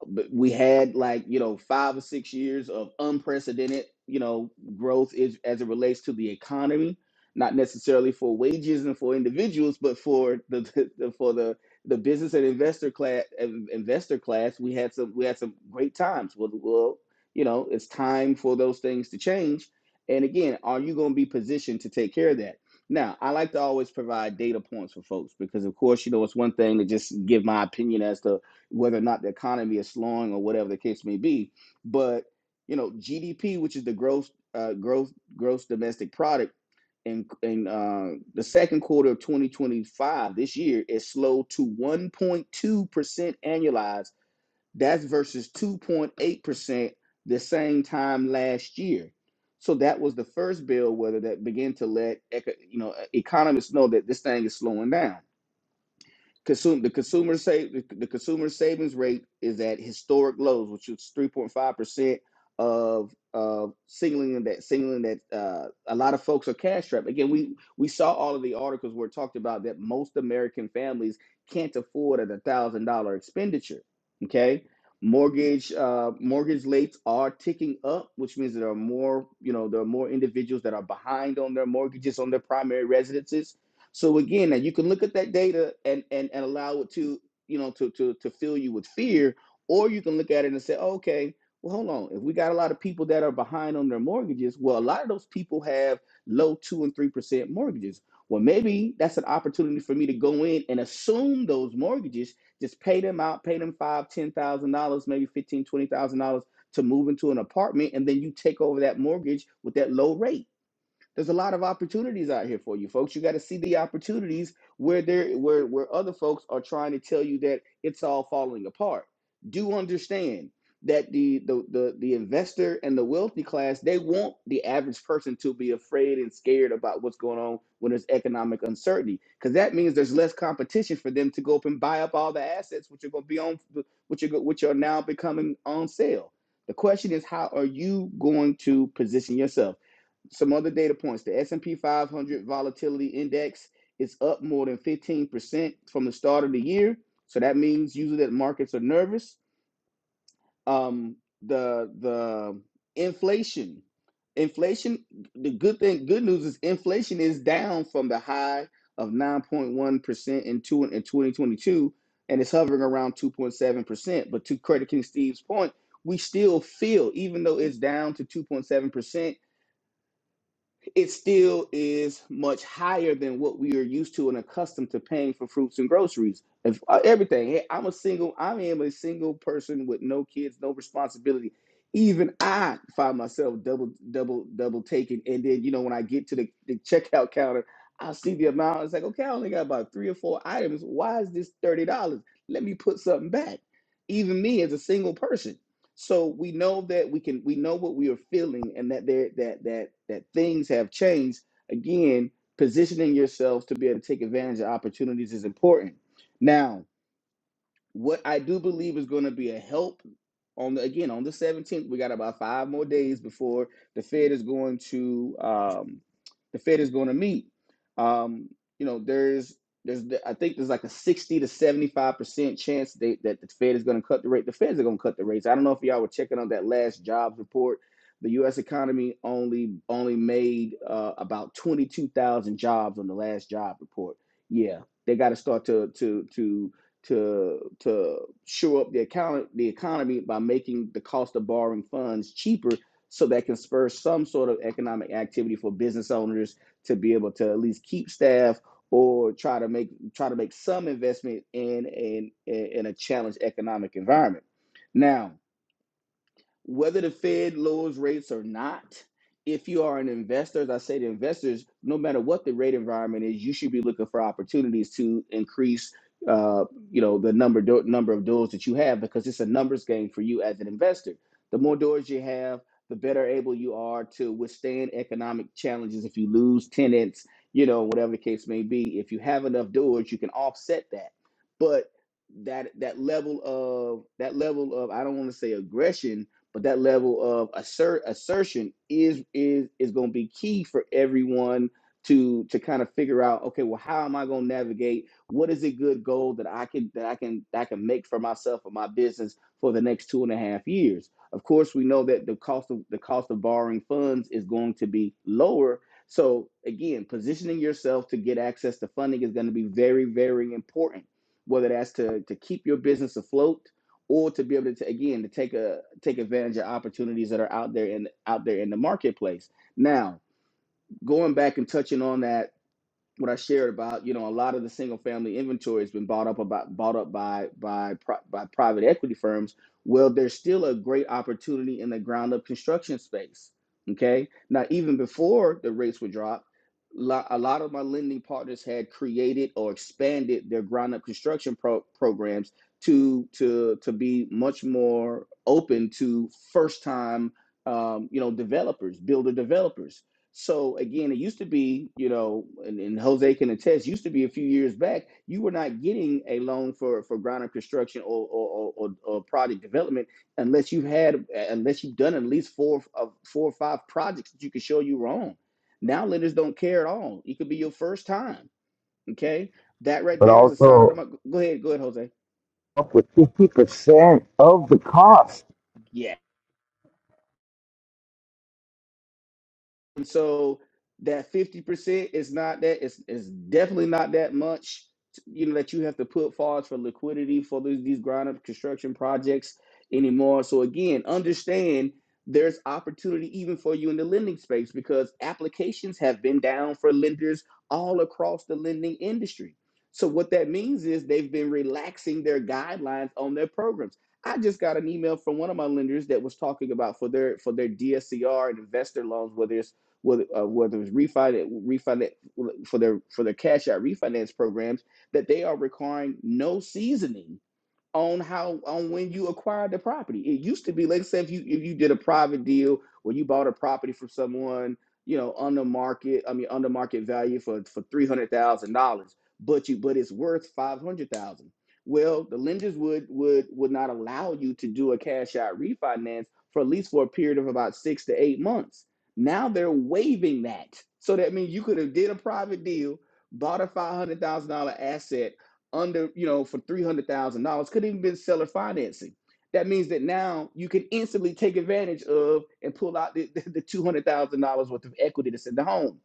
[SPEAKER 1] but we had like you know five or six years of unprecedented you know growth is, as it relates to the economy not necessarily for wages and for individuals but for the, the, the- for the the business and investor class investor class we had some we had some great times well, well you know it's time for those things to change and again are you going to be positioned to take care of that now i like to always provide data points for folks because of course you know it's one thing to just give my opinion as to whether or not the economy is slowing or whatever the case may be. But you know, GDP, which is the gross uh, growth gross domestic product, in in uh, the second quarter of 2025 this year is slowed to 1.2 percent annualized. That's versus 2.8 percent the same time last year. So that was the first bill whether that began to let eco- you know economists know that this thing is slowing down Consume the consumer save the, the consumer savings rate is at historic lows, which is three point five percent of of singling that singling that uh, a lot of folks are cash strapped. Again, we we saw all of the articles where it talked about that most American families can't afford a thousand dollar expenditure. Okay, mortgage uh, mortgage rates are ticking up, which means there are more you know there are more individuals that are behind on their mortgages on their primary residences so again, now you can look at that data and and and allow it to you know to to to fill you with fear, or you can look at it and say, oh, okay, well hold on, if we got a lot of people that are behind on their mortgages, well a lot of those people have low two and three percent mortgages. Well, maybe that's an opportunity for me to go in and assume those mortgages, just pay them out, pay them five, ten thousand dollars, maybe fifteen, twenty thousand dollars to move into an apartment, and then you take over that mortgage with that low rate there's a lot of opportunities out here for you folks. You got to see the opportunities where there where where other folks are trying to tell you that it's all falling apart. Do understand that the the the, the investor and the wealthy class, they want the average person to be afraid and scared about what's going on when there's economic uncertainty because that means there's less competition for them to go up and buy up all the assets which are going to be on which are go- which are now becoming on sale. The question is, how are you going to position yourself? some other data points. The S&P 500 volatility index is up more than 15% from the start of the year. So that means usually that markets are nervous. Um, the the inflation, inflation. The good thing, good news is inflation is down from the high of 9.1% in two in 2022, and it's hovering around 2.7%. But to Credit King Steve's point, we still feel, even though it's down to 2.7% it still is much higher than what we are used to and accustomed to paying for fruits and groceries. If uh, everything, hey, I'm a single, I am a single person with no kids, no responsibility. Even I find myself double, double, double taking, and then you know when I get to the, the checkout counter, I see the amount. It's like, okay, I only got about three or four items. Why is this thirty dollars? Let me put something back. Even me as a single person. So we know that we can we know what we are feeling and that there that that that things have changed. Again, positioning yourself to be able to take advantage of opportunities is important. Now. What I do believe is going to be a help on the again on the 17th. We got about five more days before the Fed is going to um, the Fed is going to meet. Um, you know, there's there's I think there's like a 60 to 75 percent chance they, that the Fed is going to cut the rate. The Feds are going to cut the rates. I don't know if y'all were checking on that last jobs report. The U.S. economy only only made uh, about 22,000 jobs on the last job report. Yeah, they got to start to to to to to shore up the account the economy by making the cost of borrowing funds cheaper so that can spur some sort of economic activity for business owners to be able to at least keep staff or try to make try to make some investment in in in a challenged economic environment. Now, whether the Fed lowers rates or not, if you are an investor, as I say to investors, no matter what the rate environment is, you should be looking for opportunities to increase, uh, you know, the number do- number of doors that you have because it's a numbers game for you as an investor. The more doors you have, the better able you are to withstand economic challenges. If you lose tenants, you know, whatever the case may be, if you have enough doors, you can offset that. But that that level of that level of I don't want to say aggression but that level of assert assertion is is is going to be key for everyone to to kind of figure out okay well how am i going to navigate what is a good goal that i can that i can that i can make for myself or my business for the next two and a half years of course we know that the cost of the cost of borrowing funds is going to be lower so again positioning yourself to get access to funding is going to be very very important whether that's to to keep your business afloat or to be able to again to take a take advantage of opportunities that are out there in out there in the marketplace. Now, going back and touching on that what I shared about, you know, a lot of the single family inventory has been bought up about bought up by by pri- by private equity firms. Well, there's still a great opportunity in the ground up construction space. Okay, now even before the rates were dropped, lo- a lot of my lending partners had created or expanded their ground up construction pro- programs to to to be much more open to first time, um, you know, developers, builder developers so again, it used to be, you know, and, and Jose can attest, used to be a few years back, you were not getting a loan for for ground up construction or or, or, or or project development unless you had unless you've done at least four of four or five projects that you could show you were on. Now lenders don't care at all. It could be your first time. Okay, that right
[SPEAKER 3] but
[SPEAKER 1] there is a sign of
[SPEAKER 3] also
[SPEAKER 1] them. Go ahead, go ahead, Jose.
[SPEAKER 3] up with 50% of the cost.
[SPEAKER 1] And so that 50% is not that, it's, it's definitely not that much, you know, that you have to put forward for liquidity for these, these ground up construction projects anymore. So again, understand there's opportunity even for you in the lending space because applications have been down for lenders all across the lending industry. So what that means is they've been relaxing their guidelines on their programs. I just got an email from one of my lenders that was talking about for their for their DSCR and investor loans, whether it's whether uh, whether it's refinance refinance for their for their cash out refinance programs that they are requiring no seasoning on how on when you acquired the property. It used to be, like I said, if you if you did a private deal where you bought a property from someone, you know, under market, I mean under market value for for three hundred thousand dollars, but you but it's worth five hundred thousand. Well, the lenders would would would not allow you to do a cash out refinance for at least for a period of about six to eight months. Now they're waiving that. So that means you could have did a private deal, bought a five hundred thousand dollar asset under, you know, for $300,000. Could even been seller financing. That means that now you can instantly take advantage of and pull out the, the, $200,000 worth of equity that's in the home.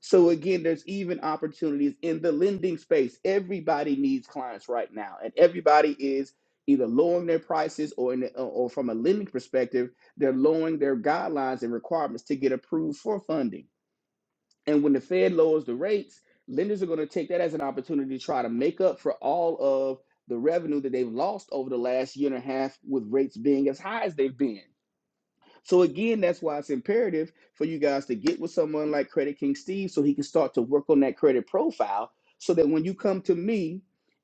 [SPEAKER 1] So again, there's even opportunities in the lending space. Everybody needs clients right now, and everybody is either lowering their prices or in the, or from a lending perspective, they're lowering their guidelines and requirements to get approved for funding. And when the Fed lowers the rates, lenders are going to take that as an opportunity to try to make up for all of the revenue that they've lost over the last year and a half with rates being as high as they've been. So again, that's why it's imperative for you guys to get with someone like Credit King Steve so he can start to work on that credit profile so that when you come to me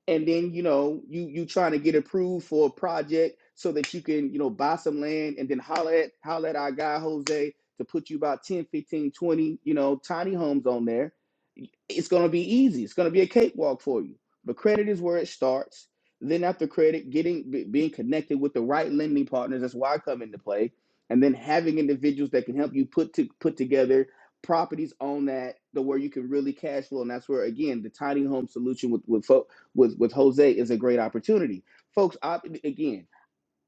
[SPEAKER 1] and then you know you you trying to get approved for a project so that you can you know buy some land and then holler at holler at our guy Jose to put you about 10, 15, 20, you know tiny homes on there it's going to be easy. It's going to be a cakewalk for you. But credit is where it starts. Then after credit, getting be- being connected with the right lending partners. That's why I come into play. And then having individuals that can help you put to put together properties on that the where you can really cash flow. And that's where again the tiny home solution with with fo- with with Jose is a great opportunity, folks. I, again.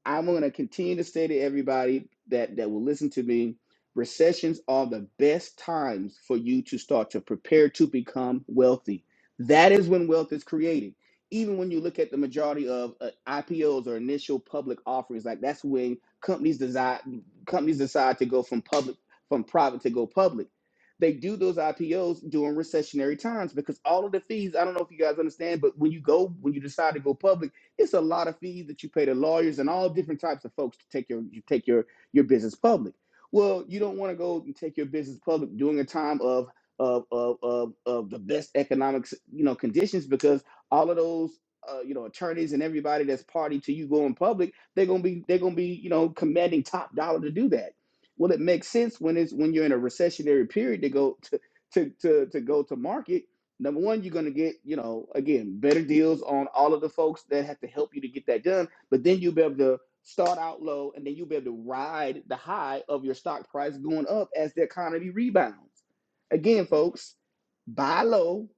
[SPEAKER 1] I'm going to continue to say to everybody that that will listen to me, recessions are the best times for you to start to prepare to become wealthy. That is when wealth is created. Even when you look at the majority of uh, IPOs or initial public offerings, like that's when companies decide companies decide to go from public from private to go public. They do those IPOs during recessionary times because all of the fees. I don't know if you guys understand, but when you go when you decide to go public it's a lot of fees that you pay to lawyers and all different types of folks to take your you take your your business public. Well, you don't want to go and take your business public during a time of of of of, of the best economic you know conditions because all of those uh, you know attorneys and everybody that's party to you going public they're gonna be they're gonna be you know commanding top dollar to do that well it makes sense when it's when you're in a recessionary period to go to to to, to go to market Number one, you're gonna get, you know, again, better deals on all of the folks that have to help you to get that done. But then you'll be able to start out low, and then you'll be able to ride the high of your stock price going up as the economy rebounds. Again, folks, buy low,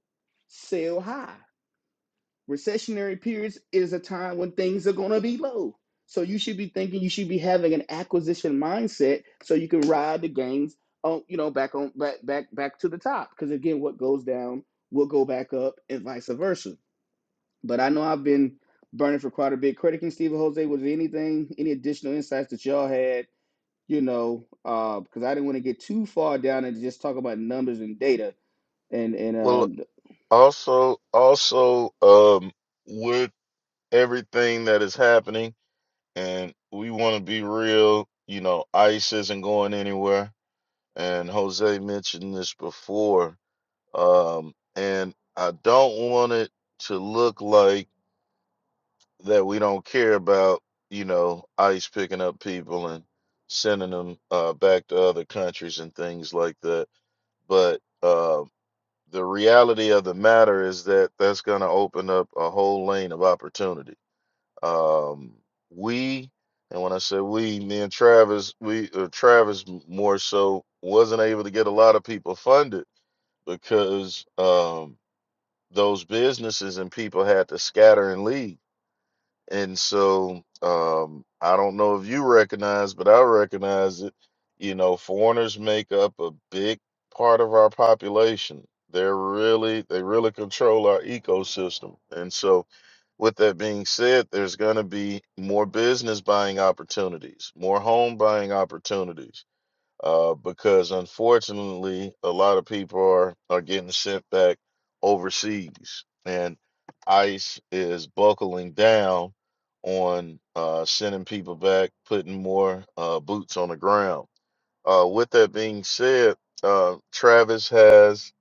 [SPEAKER 1] sell high. Recessionary periods is a time when things are going to be low. So you should be thinking you should be having an acquisition mindset so you can ride the gains on you know back on back back back to the top because again what goes down will go back up and vice versa. But I know I've been burning for quite a bit. critiquing Stephen Jose was there anything any additional insights that y'all had you know uh, because I didn't want to get too far down and just talk about numbers and data and and
[SPEAKER 2] Well,
[SPEAKER 1] uh,
[SPEAKER 2] also, also, um, with everything that is happening, and we want to be real, you know, ICE isn't going anywhere and Jose mentioned this before, um, and I don't want it to look like that we don't care about, you know, ICE picking up people and sending them uh, back to other countries and things like that. But uh, the reality of the matter is that that's going to open up a whole lane of opportunity. Um, we, and when I say we, me and Travis, we, or Travis more so, wasn't able to get a lot of people funded because um, those businesses and people had to scatter and leave. And so um, I don't know if you recognize, but I recognize it. You know, foreigners make up a big part of our population. They're really they really control our ecosystem. And so with that being said, there's going to be more business buying opportunities, more home buying opportunities uh, because unfortunately, a lot of people are, are getting sent back overseas, and ICE is buckling down on uh, sending people back, putting more uh, boots on the ground. Uh, with that being said, uh, Travis has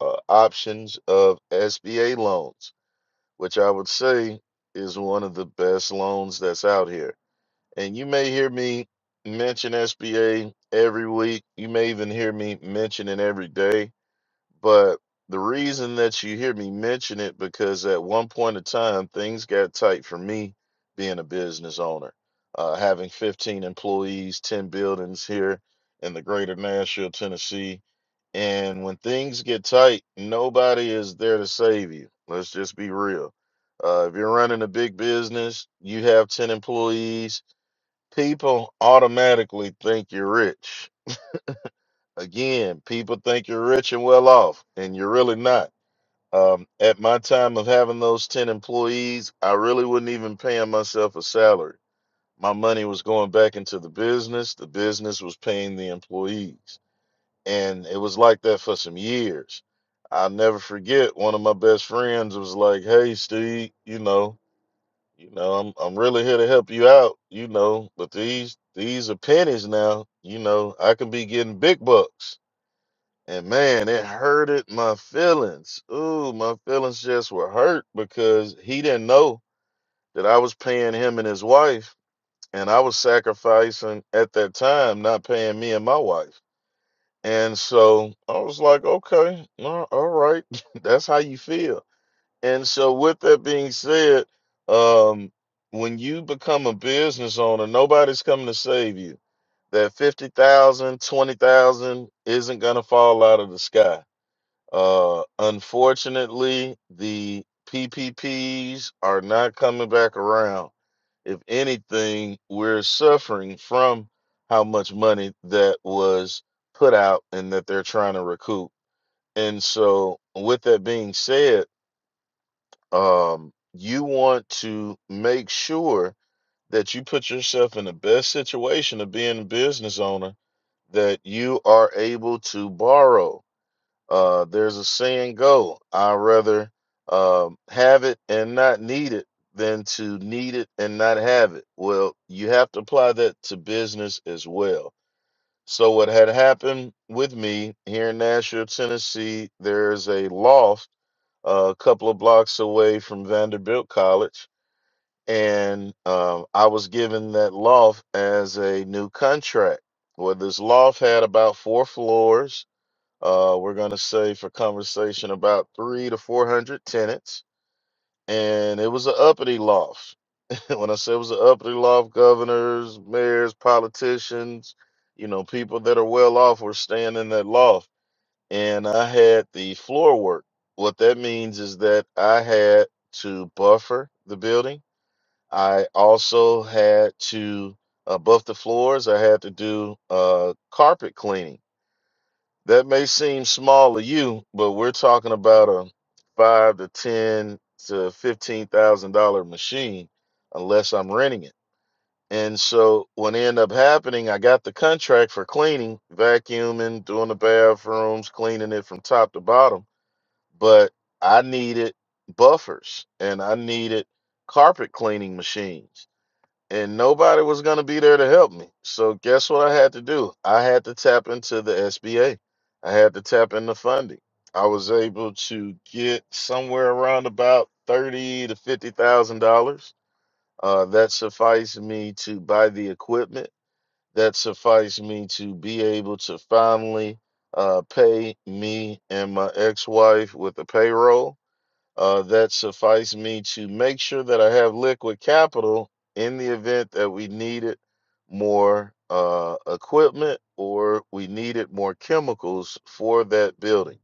[SPEAKER 2] uh, options of SBA loans, which I would say is one of the best loans that's out here and you may hear me mention SBA every week. You may even hear me mention it every day. But the reason that you hear me mention it because at one point in time things got tight for me being a business owner. Uh, having 15 employees, 10 buildings here in the greater Nashville, Tennessee. And when things get tight, nobody is there to save you. Let's just be real. Uh, if you're running a big business, you have 10 employees, People automatically think you're rich. Again, people think you're rich and well off, and you're really not. Um, at my time of having those 10 employees, I really wasn't even paying myself a salary. My money was going back into the business, the business was paying the employees. And it was like that for some years. I'll never forget one of my best friends was like, Hey, Steve, you know. You know, I'm I'm really here to help you out, you know, but these these are pennies now, you know. I can be getting big bucks. And man, it hurted my feelings. Ooh, my feelings just were hurt because he didn't know that I was paying him and his wife, and I was sacrificing at that time not paying me and my wife. And so I was like, okay, all all right, that's how you feel and so, with that being said, um, when you become a business owner, nobody's coming to save you. That fifty thousand, twenty thousand isn't going to fall out of the sky. Uh, unfortunately, the PPPs are not coming back around. If anything, we're suffering from how much money that was put out and that they're trying to recoup. And so, with that being said, um, you want to make sure that you put yourself in the best situation of being a business owner that you are able to borrow. Uh, there's a saying go, I rather um, have it and not need it than to need it and not have it. Well, you have to apply that to business as well. So, what had happened with me here in Nashville, Tennessee, there's a loft uh, a couple of blocks away from Vanderbilt College and um, I was given that loft as a new contract. Well, this loft had about four floors. Uh, we're gonna say for conversation about three to four hundred tenants, and it was an uppity loft. when I say it was an uppity loft, governors, mayors, politicians, you know, people that are well off were staying in that loft, and I had the floor work. What that means is that I had to buffer the building. I also had to above the floors. I had to do uh, carpet cleaning. That may seem small to you, but we're talking about a five to ten to fifteen thousand dollar machine, unless I'm renting it. And so what ended up happening, I got the contract for cleaning, vacuuming, doing the bathrooms, cleaning it from top to bottom. But I needed buffers and I needed carpet cleaning machines and nobody was going to be there to help me. So guess what I had to do? I had to tap into the SBA. I had to tap into funding. I was able to get somewhere around about thirty to fifty thousand dollars. Uh, that sufficed me to buy the equipment. That sufficed me to be able to finally uh, pay me and my ex-wife with the payroll uh, that suffice me to make sure that I have liquid capital in the event that we needed more uh, equipment or we needed more chemicals for that building.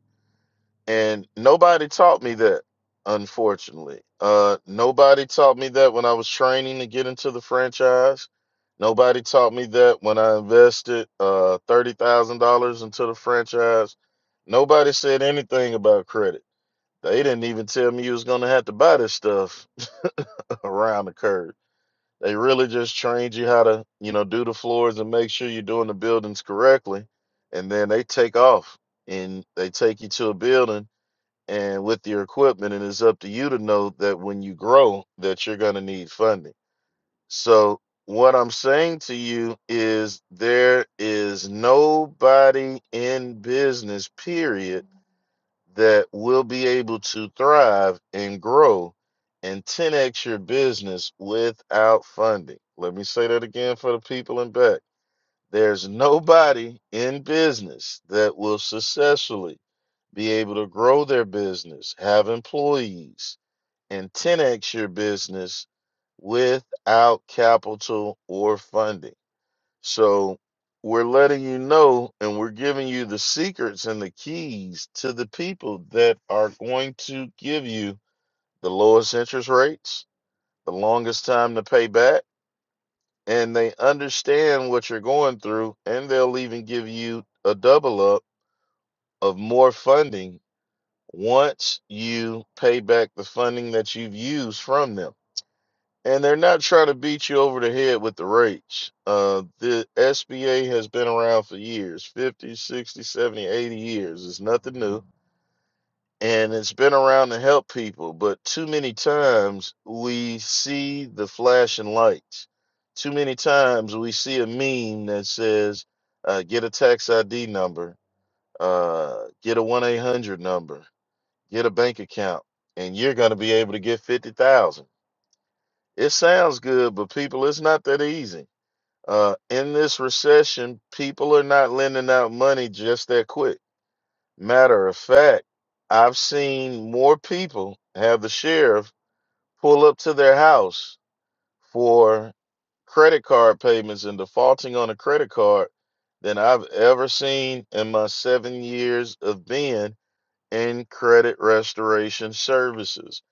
[SPEAKER 2] And nobody taught me that, unfortunately. Uh, nobody taught me that when I was training to get into the franchise. Nobody taught me that when I invested uh, $30,000 into the franchise. Nobody said anything about credit they didn't even tell me you was gonna have to buy this stuff around the curb. They really just trained you how to, you know, do the floors and make sure you're doing the buildings correctly. And then they take off and they take you to a building and with your equipment, and it's up to you to know that when you grow that you're gonna need funding. So what I'm saying to you is there is nobody in business, period that will be able to thrive and grow and 10x your business without funding. Let me say that again for the people in back. There's nobody in business that will successfully be able to grow their business, have employees, and 10x your business without capital or funding. So we're letting you know and we're giving you the secrets and the keys to the people that are going to give you the lowest interest rates, the longest time to pay back, and they understand what you're going through and they'll even give you a double up of more funding once you pay back the funding that you've used from them. and they're not trying to beat you over the head with the rates. Uh, the SBA has been around for years fifty, sixty, seventy, eighty years. It's nothing new. And it's been around to help people, but too many times we see the flashing lights. Too many times we see a meme that says, uh, get a tax ID number, uh, get a 1 800 number, get a bank account, and you're going to be able to get 50,000 it sounds good, but people, it's not that easy. Uh, in this recession, people are not lending out money just that quick. Matter of fact, I've seen more people have the sheriff pull up to their house for credit card payments and defaulting on a credit card than I've ever seen in my seven years of being in credit restoration services.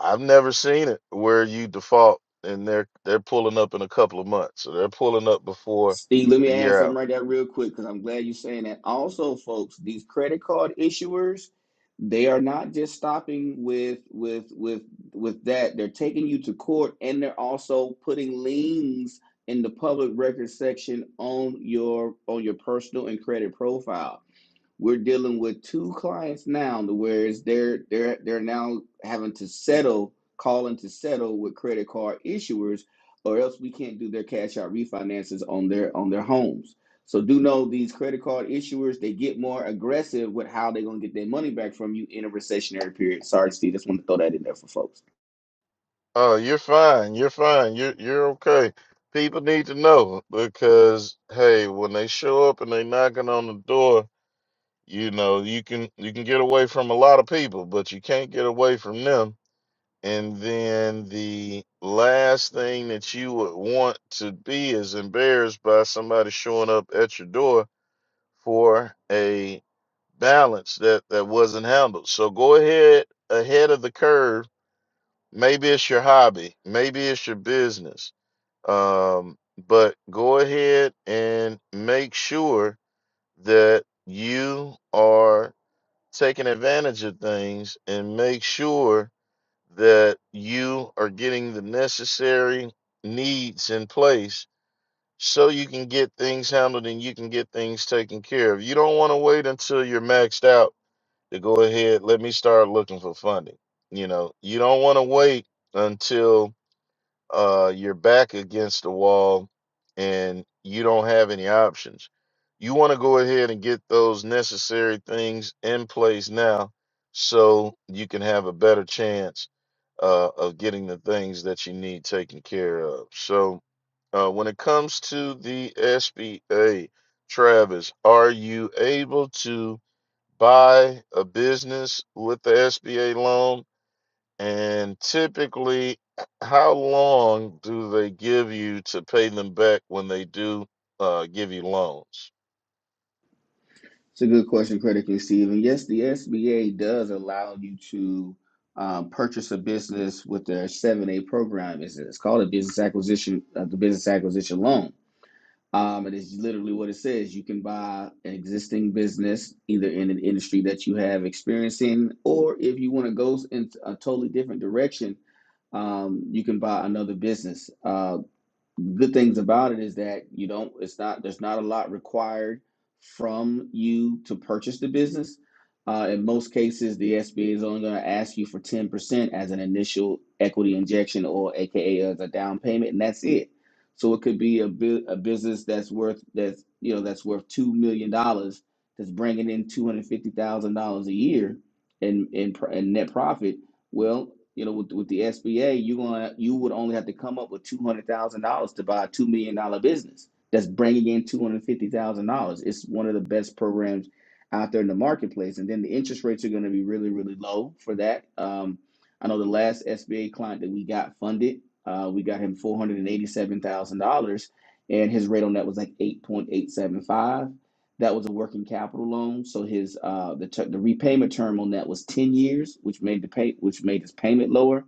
[SPEAKER 2] I've never seen it where you default and they're they're pulling up in a couple of months, or they're pulling up before
[SPEAKER 1] Steve, let me
[SPEAKER 2] the
[SPEAKER 1] add
[SPEAKER 2] year
[SPEAKER 1] something
[SPEAKER 2] out.
[SPEAKER 1] right there real quick because I'm glad you're saying that. Also, folks, these credit card issuers, they are not just stopping with with with with that. They're taking you to court and they're also putting liens in the public record section on your on your personal and credit profile. We're dealing with two clients now, to where it's they're they're they're now having to settle, calling to settle with credit card issuers, or else we can't do their cash out refinances on their on their homes. So do know these credit card issuers, they get more aggressive with how they're gonna get their money back from you in a recessionary period. Sorry, Steve, just want to throw that in there for folks.
[SPEAKER 2] Oh, you're fine. You're fine. You're you're okay. People need to know because hey, when they show up and they knocking on the door, you know you can you can get away from a lot of people, but you can't get away from them And then the last thing that you would want to be is embarrassed by somebody showing up at your door for a balance that, that wasn't handled. So go ahead ahead of the curve. Maybe it's your hobby, maybe it's your business. Um, but go ahead and make sure that you are taking advantage of things and make sure that you are getting the necessary needs in place so you can get things handled and you can get things taken care of. You don't want to wait until you're maxed out to go ahead, let me start looking for funding. You know, you don't want to wait until uh, are back against the wall and you don't have any options. You want to go ahead and get those necessary things in place now so you can have a better chance uh, of getting the things that you need taken care of. So, uh, when it comes to the SBA, Travis, are you able to buy a business with the SBA loan? And typically, how long do they give you to pay them back when they do uh, give you loans?
[SPEAKER 1] It's a good question, critically, Steve. And yes, the SBA does allow you to um, purchase a business with their 7A program. It's, it's called a business acquisition, uh, the business acquisition loan. Um, it is literally what it says. You can buy an existing business either in an industry that you have experience in, or if you want to go in a totally different direction, um, you can buy another business. Uh, good things about it is that you don't it's not there's not a lot required from you to purchase the business uh, in most cases the sba is only going to ask you for 10% as an initial equity injection or aka as a down payment and that's it so it could be a, bu- a business that's worth that's you know that's worth $2 million dollars, that's bringing in $250000 a year in, in, pr- in net profit well, you know, with, with the SBA, you're gonna you would only have to come up with two hundred thousand dollars to buy a two million dollar business that's bringing in two hundred fifty thousand dollars. It's one of the best programs out there in the marketplace, and then the interest rates are going to be really really low for that. Um, I know the last SBA client that we got funded, uh, we got him four hundred and eighty seven thousand dollars, and his rate on that was like eight point eight seven five. That was a working capital loan, so his uh, the ter- the repayment term on that was ten years, which made the pay which made his payment lower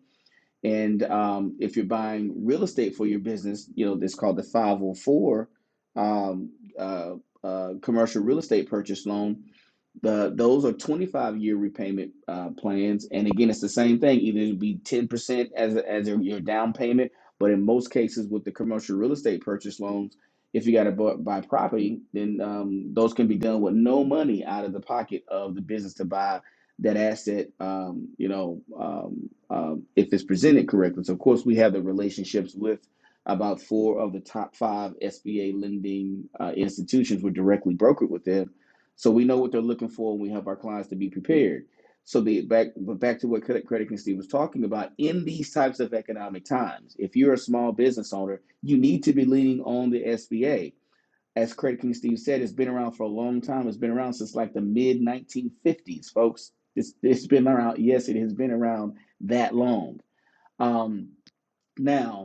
[SPEAKER 1] and um, if you're buying real estate for your business, you know, it's called the 504 um, uh, uh, commercial real estate purchase loan. The, those are 25 year repayment uh, plans. And again, it's the same thing. Either it'll be 10% as, a, as a, your down payment, but in most cases with the commercial real estate purchase loans, if you got to buy, buy property, then um, those can be done with no money out of the pocket of the business to buy that asset, um, you know, um, um, if it's presented correctly. So, of course, we have the relationships with about four of the top five SBA lending uh, institutions. We're directly brokered with them, so we know what they're looking for, and we help our clients to be prepared. So, the back but back to what Credit Credit King Steve was talking about in these types of economic times, if you're a small business owner, you need to be leaning on the SBA as Credit King Steve said, it's been around for a long time. It's been around since like the mid 1950s, folks. It's, it's been around. Yes, it has been around that long. Um, now,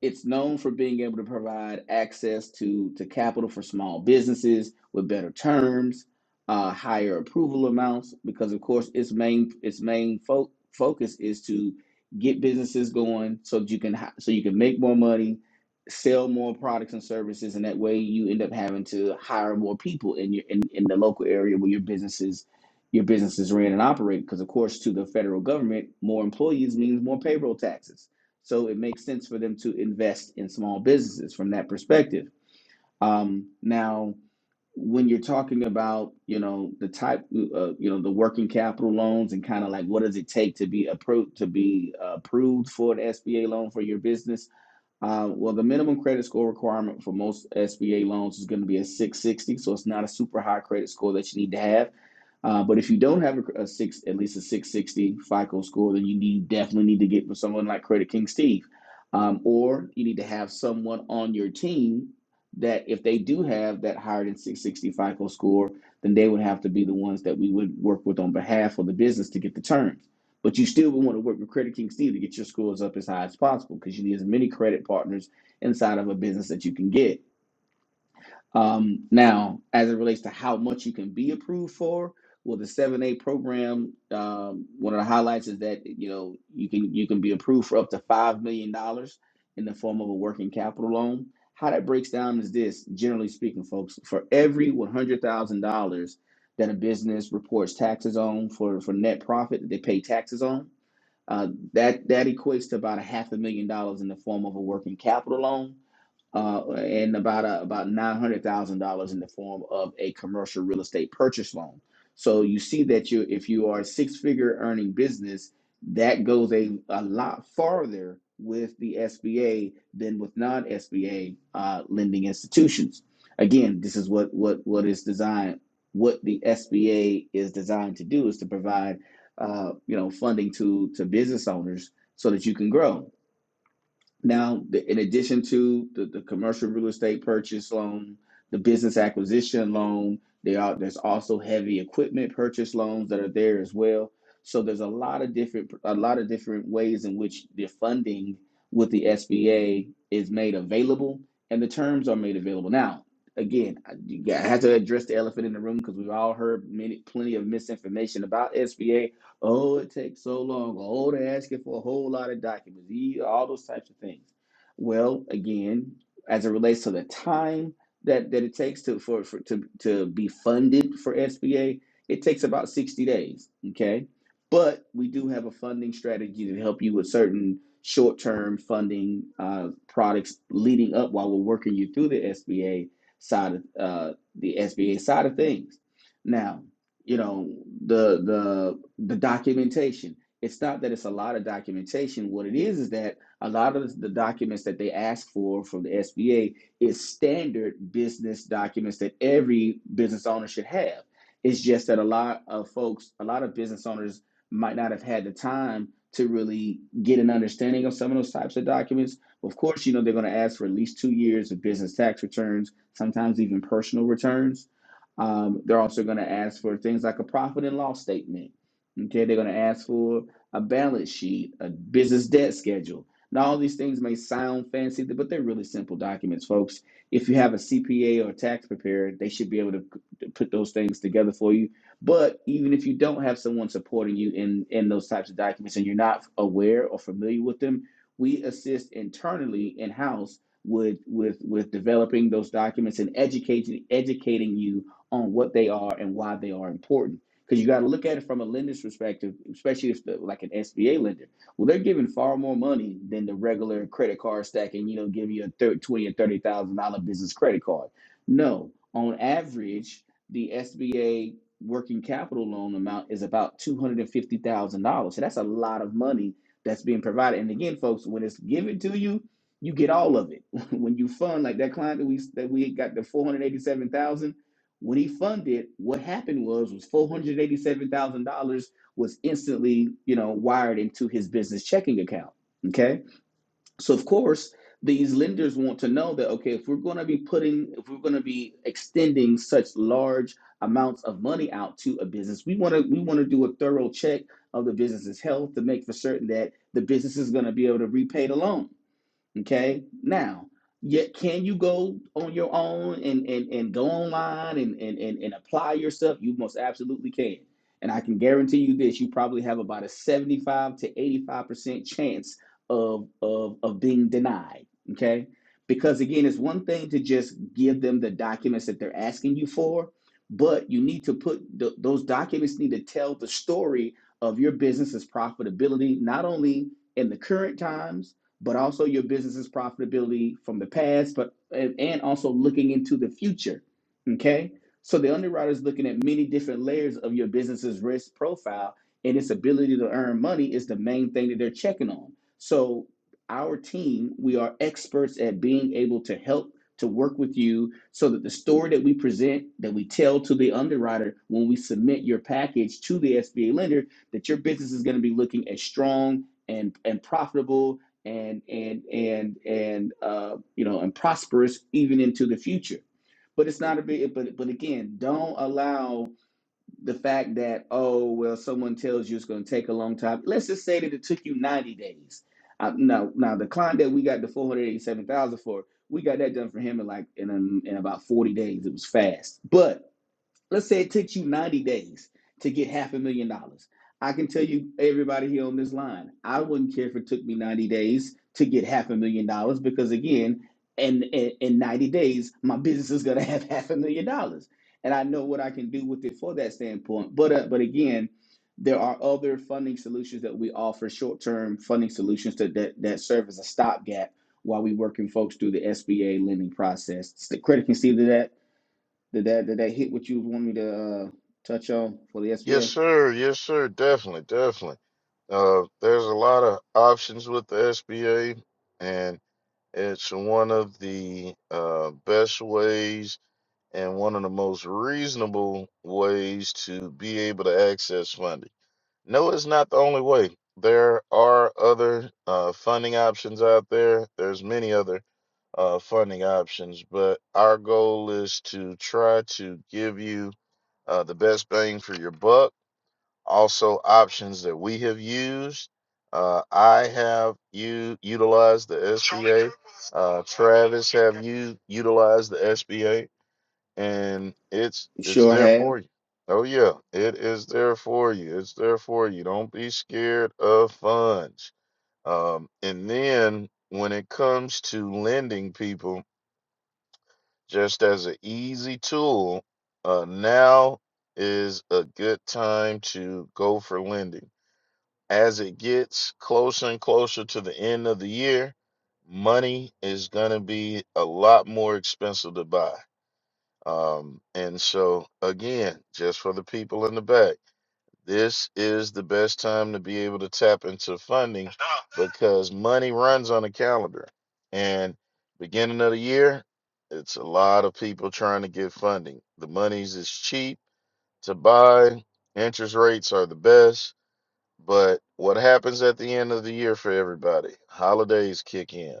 [SPEAKER 1] it's known for being able to provide access to to capital for small businesses with better terms, uh, higher approval amounts, because of course its main its main fo- focus is to get businesses going so that you can hi- so you can make more money, sell more products and services, and that way you end up having to hire more people in your in, in the local area where your businesses your businesses ran and operate. Because of course to the federal government, more employees means more payroll taxes so it makes sense for them to invest in small businesses from that perspective. Um, now, when you're talking about, you know, the type, uh, you know, the working capital loans and kind of like what does it take to be approved to be uh, approved for an SBA loan for your business? Uh, well, the minimum credit score requirement for most SBA loans is going to be a 660, so it's not a super high credit score that you need to have. Uh, but if you don't have a, a six, at least a 660 FICO score, then you need, definitely need to get with someone like Credit King Steve, um, or you need to have someone on your team that if they do have that higher than 660 FICO score, then they would have to be the ones that we would work with on behalf of the business to get the terms. But you still would want to work with Credit King Steve to get your scores up as high as possible because you need as many credit partners inside of a business that you can get. Um, now, as it relates to how much you can be approved for, well, the 7A program, um, one of the highlights is that you know you can you can be approved for up to five million dollars in the form of a working capital loan. How that breaks down is this: generally speaking, folks, for every one hundred thousand dollars that a business reports taxes on for for net profit that they pay taxes on, uh, that that equates to about a half a million dollars in the form of a working capital loan uh, and about uh, about nine hundred thousand dollars in the form of a commercial real estate purchase loan. So you see that you, if you are a six figure earning business, that goes a, a lot farther with the SBA than with non SBA uh, lending institutions. Again, this is what what what is designed. What the SBA is designed to do is to provide, uh, you know, funding to to business owners so that you can grow. Now, the- in addition to the, the commercial real estate purchase loan, the business acquisition loan, there are there's also heavy equipment purchase loans that are there as well. So there's a lot of different a lot of different ways in which the funding with the SBA is made available and the terms are made available. Now, again, I, I have to address the elephant in the room because we've all heard many plenty of misinformation about SBA Oh, it takes so long. Oh, they're asking for a whole lot of documents. E- All those types of things. Well, again, as it relates to the time that, that it takes to for, for to, to be funded for SBA, it takes about 60 days. Okay. But we do have a funding strategy to help you with certain short-term funding uh, products leading up while we're working you through the SBA side of uh, the SBA side of things. Now, you know the the the documentation it's not that it's a lot of documentation what it is is that a lot of the documents that they ask for from the sba is standard business documents that every business owner should have it's just that a lot of folks a lot of business owners might not have had the time to really get an understanding of some of those types of documents of course you know they're going to ask for at least two years of business tax returns sometimes even personal returns um, they're also going to ask for things like a profit and loss statement. Okay, they're going to ask for a balance sheet, a business debt schedule. Now, all these things may sound fancy, but they're really simple documents, folks. If you have a CPA or a tax preparer, they should be able to put those things together for you. But even if you don't have someone supporting you in, in those types of documents and you're not aware or familiar with them, we assist internally in house with with with developing those documents and educating educating you on what they are and why they are important. Because you got to look at it from a lender's perspective, especially if the, like an SBA lender. Well, they're giving far more money than the regular credit card stacking, you know, giving you a thir- twenty or thirty thousand dollar business credit card. No, on average, the SBA working capital loan amount is about two hundred and fifty thousand dollars. So that's a lot of money that's being provided. And again, folks, when it's given to you, you get all of it. when you fund like that client that we that we got the four hundred eighty seven thousand when he funded, what happened was was four hundred eighty seven thousand dollars was instantly you know wired into his business checking account. Okay, so of course these lenders want to know that okay, if we're going to be putting, if we're going to be extending such large amounts of money out to a business, we want to we want to do a thorough check of the business's health to make for certain that the business is going to be able to repay the loan. Okay. Now, yet can you go on your own and and, and go online and, and and and apply yourself? You most absolutely can. And I can guarantee you this, you probably have about a 75 to 85% chance of of of being denied. Okay. Because again, it's one thing to just give them the documents that they're asking you for, but you need to put th- those documents need to tell the story of your business's profitability, not only in the current times, but also your business's profitability from the past, but and also looking into the future. Okay. So the underwriter is looking at many different layers of your business's risk profile and its ability to earn money is the main thing that they're checking on. So our team, we are experts at being able to help to work with you so that the story that we present that we tell to the underwriter when we submit your package to the SBA lender that your business is going to be looking as strong and and profitable and and and and uh, you know and prosperous even into the future. But it's not a big. But but again, don't allow the fact that oh well, someone tells you it's going to take a long time. Let's just say that it took you ninety days. Uh, now now the client that we got the four hundred eighty seven thousand for, we got that done for him in like in um in about forty days. It was fast, but Let's say it took you 90 days to get half a million dollars. I can tell you, everybody here on this line, I wouldn't care if it took me 90 days to get half a million dollars because, again, in, in, in 90 days, my business is going to have half a million dollars. And I know what I can do with it for that standpoint. But, uh, but again, there are other funding solutions that we offer, short term funding solutions to, that, that serve as a stopgap while we working folks through the SBA lending process. The credit can see that. Did that did that hit what you want me to uh, touch on for the
[SPEAKER 2] Yes,
[SPEAKER 1] SBA?
[SPEAKER 2] sir. Yes, sir. Definitely. Definitely. Uh, there's a lot of options with the SBA, and it's one of the uh, best ways and one of the most reasonable ways to be able to access funding. No, it's not the only way. There are other uh, funding options out there. There's many other uh, funding options, but our goal is to try to give you uh, the best bang for your buck. Also, options that we have used. Uh, I have you utilized the SBA. Uh, Travis have you utilized the SBA? and it's it's
[SPEAKER 1] Sure
[SPEAKER 2] there
[SPEAKER 1] have.
[SPEAKER 2] for you. Oh yeah, it is there for you. It's there for you. Don't be scared of funds. Um, and then when it comes to lending people, just as an easy tool, uh, now is a good time to go for lending. As it gets closer and closer to the end of the year, money is going to be a lot more expensive to buy um, and so, again, just for the people in the back, this is the best time to be able to tap into funding because money runs on a calendar. And beginning of the year, it's a lot of people trying to get funding. The monies is cheap to buy, interest rates are the best. But what happens at the end of the year for everybody? Holidays kick in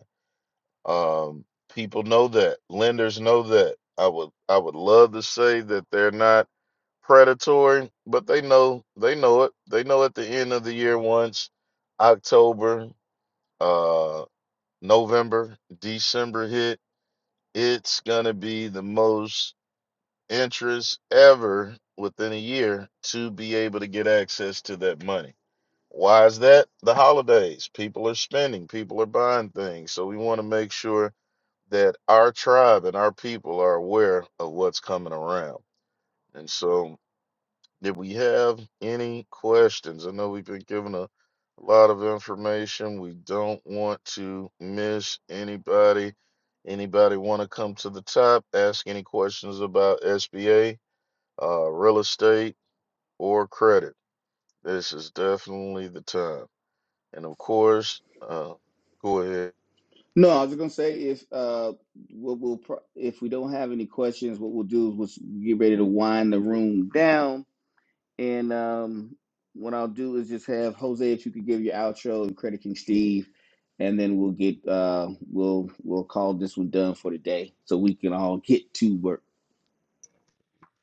[SPEAKER 2] um, people know that. Lenders know that. I would I would love to say that they're not predatory, but they know they know it. They know at the end of the year once October, uh November, December hit, it's gonna be the most interest ever within a year to be able to get access to that money. Why is that? The holidays. People are spending, people are buying things. So we want to make sure that our tribe and our people are aware of what's coming around. And so, if we have any questions, I know we've been given a lot of information. We don't want to miss anybody. Anybody want to come to the top, ask any questions about SBA, uh, real estate, or credit? This is definitely the time. And of course, uh, go ahead.
[SPEAKER 1] No, I was just gonna say if uh what we'll pro- if we don't have any questions, what we'll do is we'll s- get ready to wind the room down. And um, what I'll do is just have Jose, if you could give your outro and Credit King Steve, and then we'll get uh, we'll we'll call this one done for today, so we can all get to work.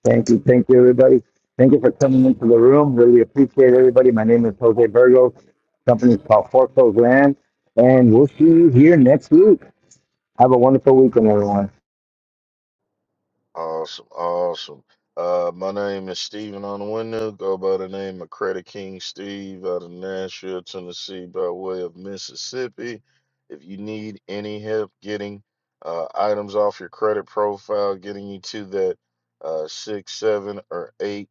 [SPEAKER 3] Thank you. Thank you, everybody. Thank you for coming into the room. Really appreciate everybody. My name is Jose Virgo. Company is called Foreclosed Land. And we'll see you here next week. Have a wonderful weekend, everyone.
[SPEAKER 2] Awesome, awesome. Uh, my name is Stephen on the window. Go by the name of Credit King Steve out of Nashville, Tennessee, by way of Mississippi. If you need any help getting uh, items off your credit profile, getting you to that uh, six, seven, or eight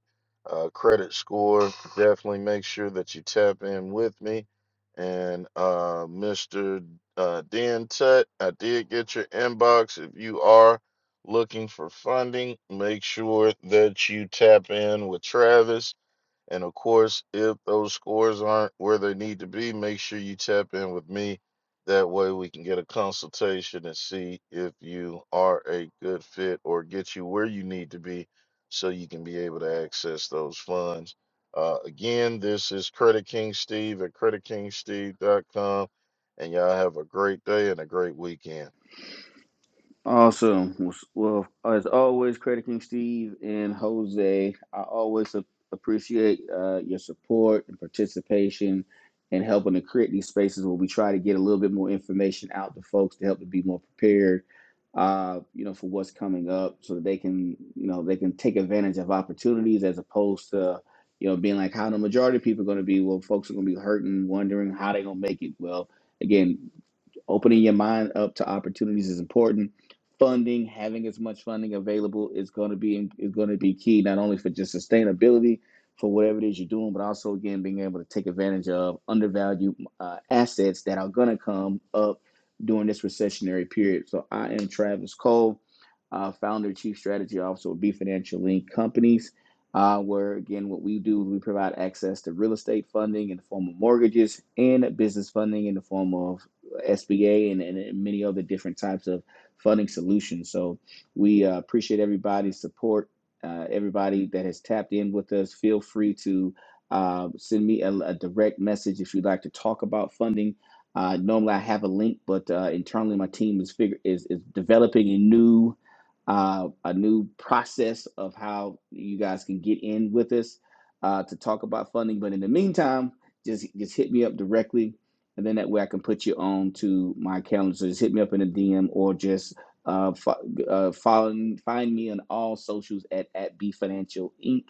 [SPEAKER 2] uh, credit score, definitely make sure that you tap in with me. And uh, Mr. Uh, Dan Tut, I did get your inbox. If you are looking for funding, make sure that you tap in with Travis. And of course, if those scores aren't where they need to be, make sure you tap in with me. That way, we can get a consultation and see if you are a good fit or get you where you need to be so you can be able to access those funds. Uh, again, this is Credit King Steve at creditkingsteve.com. And y'all have a great day and a great weekend.
[SPEAKER 1] Awesome. Well, well, as always, Credit King Steve and Jose, I always a- appreciate uh, your support and participation and helping to create these spaces where we try to get a little bit more information out to folks to help them be more prepared, uh, you know, for what's coming up so that they can, you know, they can take advantage of opportunities as opposed to, you know, being like how the majority of people are going to be. Well, folks are going to be hurting, wondering how they're going to make it. Well, again, opening your mind up to opportunities is important funding, having as much funding available is going to be is going to be key not only for just sustainability for whatever it is you're doing, but also again being able to take advantage of undervalued uh, assets that are going to come up during this recessionary period. So I am Travis Cole, uh, founder, chief strategy officer of B Financial Link Companies. Uh, where again, what we do, we provide access to real estate funding in the form of mortgages and business funding in the form of SBA and, and many other different types of funding solutions. So we uh, appreciate everybody's support, uh, everybody that has tapped in with us. Feel free to uh, send me a, a direct message if you'd like to talk about funding. Uh, normally I have a link, but uh, internally my team is figure is, is developing a new uh, a new process of how you guys can get in with us uh, to talk about funding. But in the meantime, just just hit me up directly and then that way I can put you on to my calendar. So just hit me up in a DM or just uh, fo- uh follow find me on all socials at at B Financial Inc.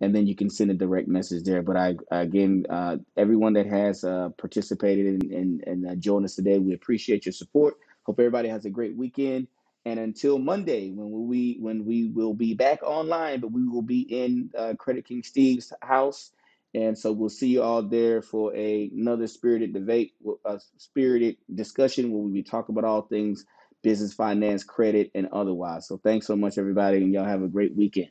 [SPEAKER 1] And then you can send a direct message there. But I again, uh, everyone that has uh, participated and and, and uh, joined us today, we appreciate your support. Hope everybody has a great weekend. And until Monday, when we when we will be back online, but we will be in uh, Credit King Steve's house and so we'll see you all there for a, another spirited debate, a spirited discussion where we be talking about all things business, finance, credit, and otherwise. So thanks so much, everybody, and y'all have a great weekend.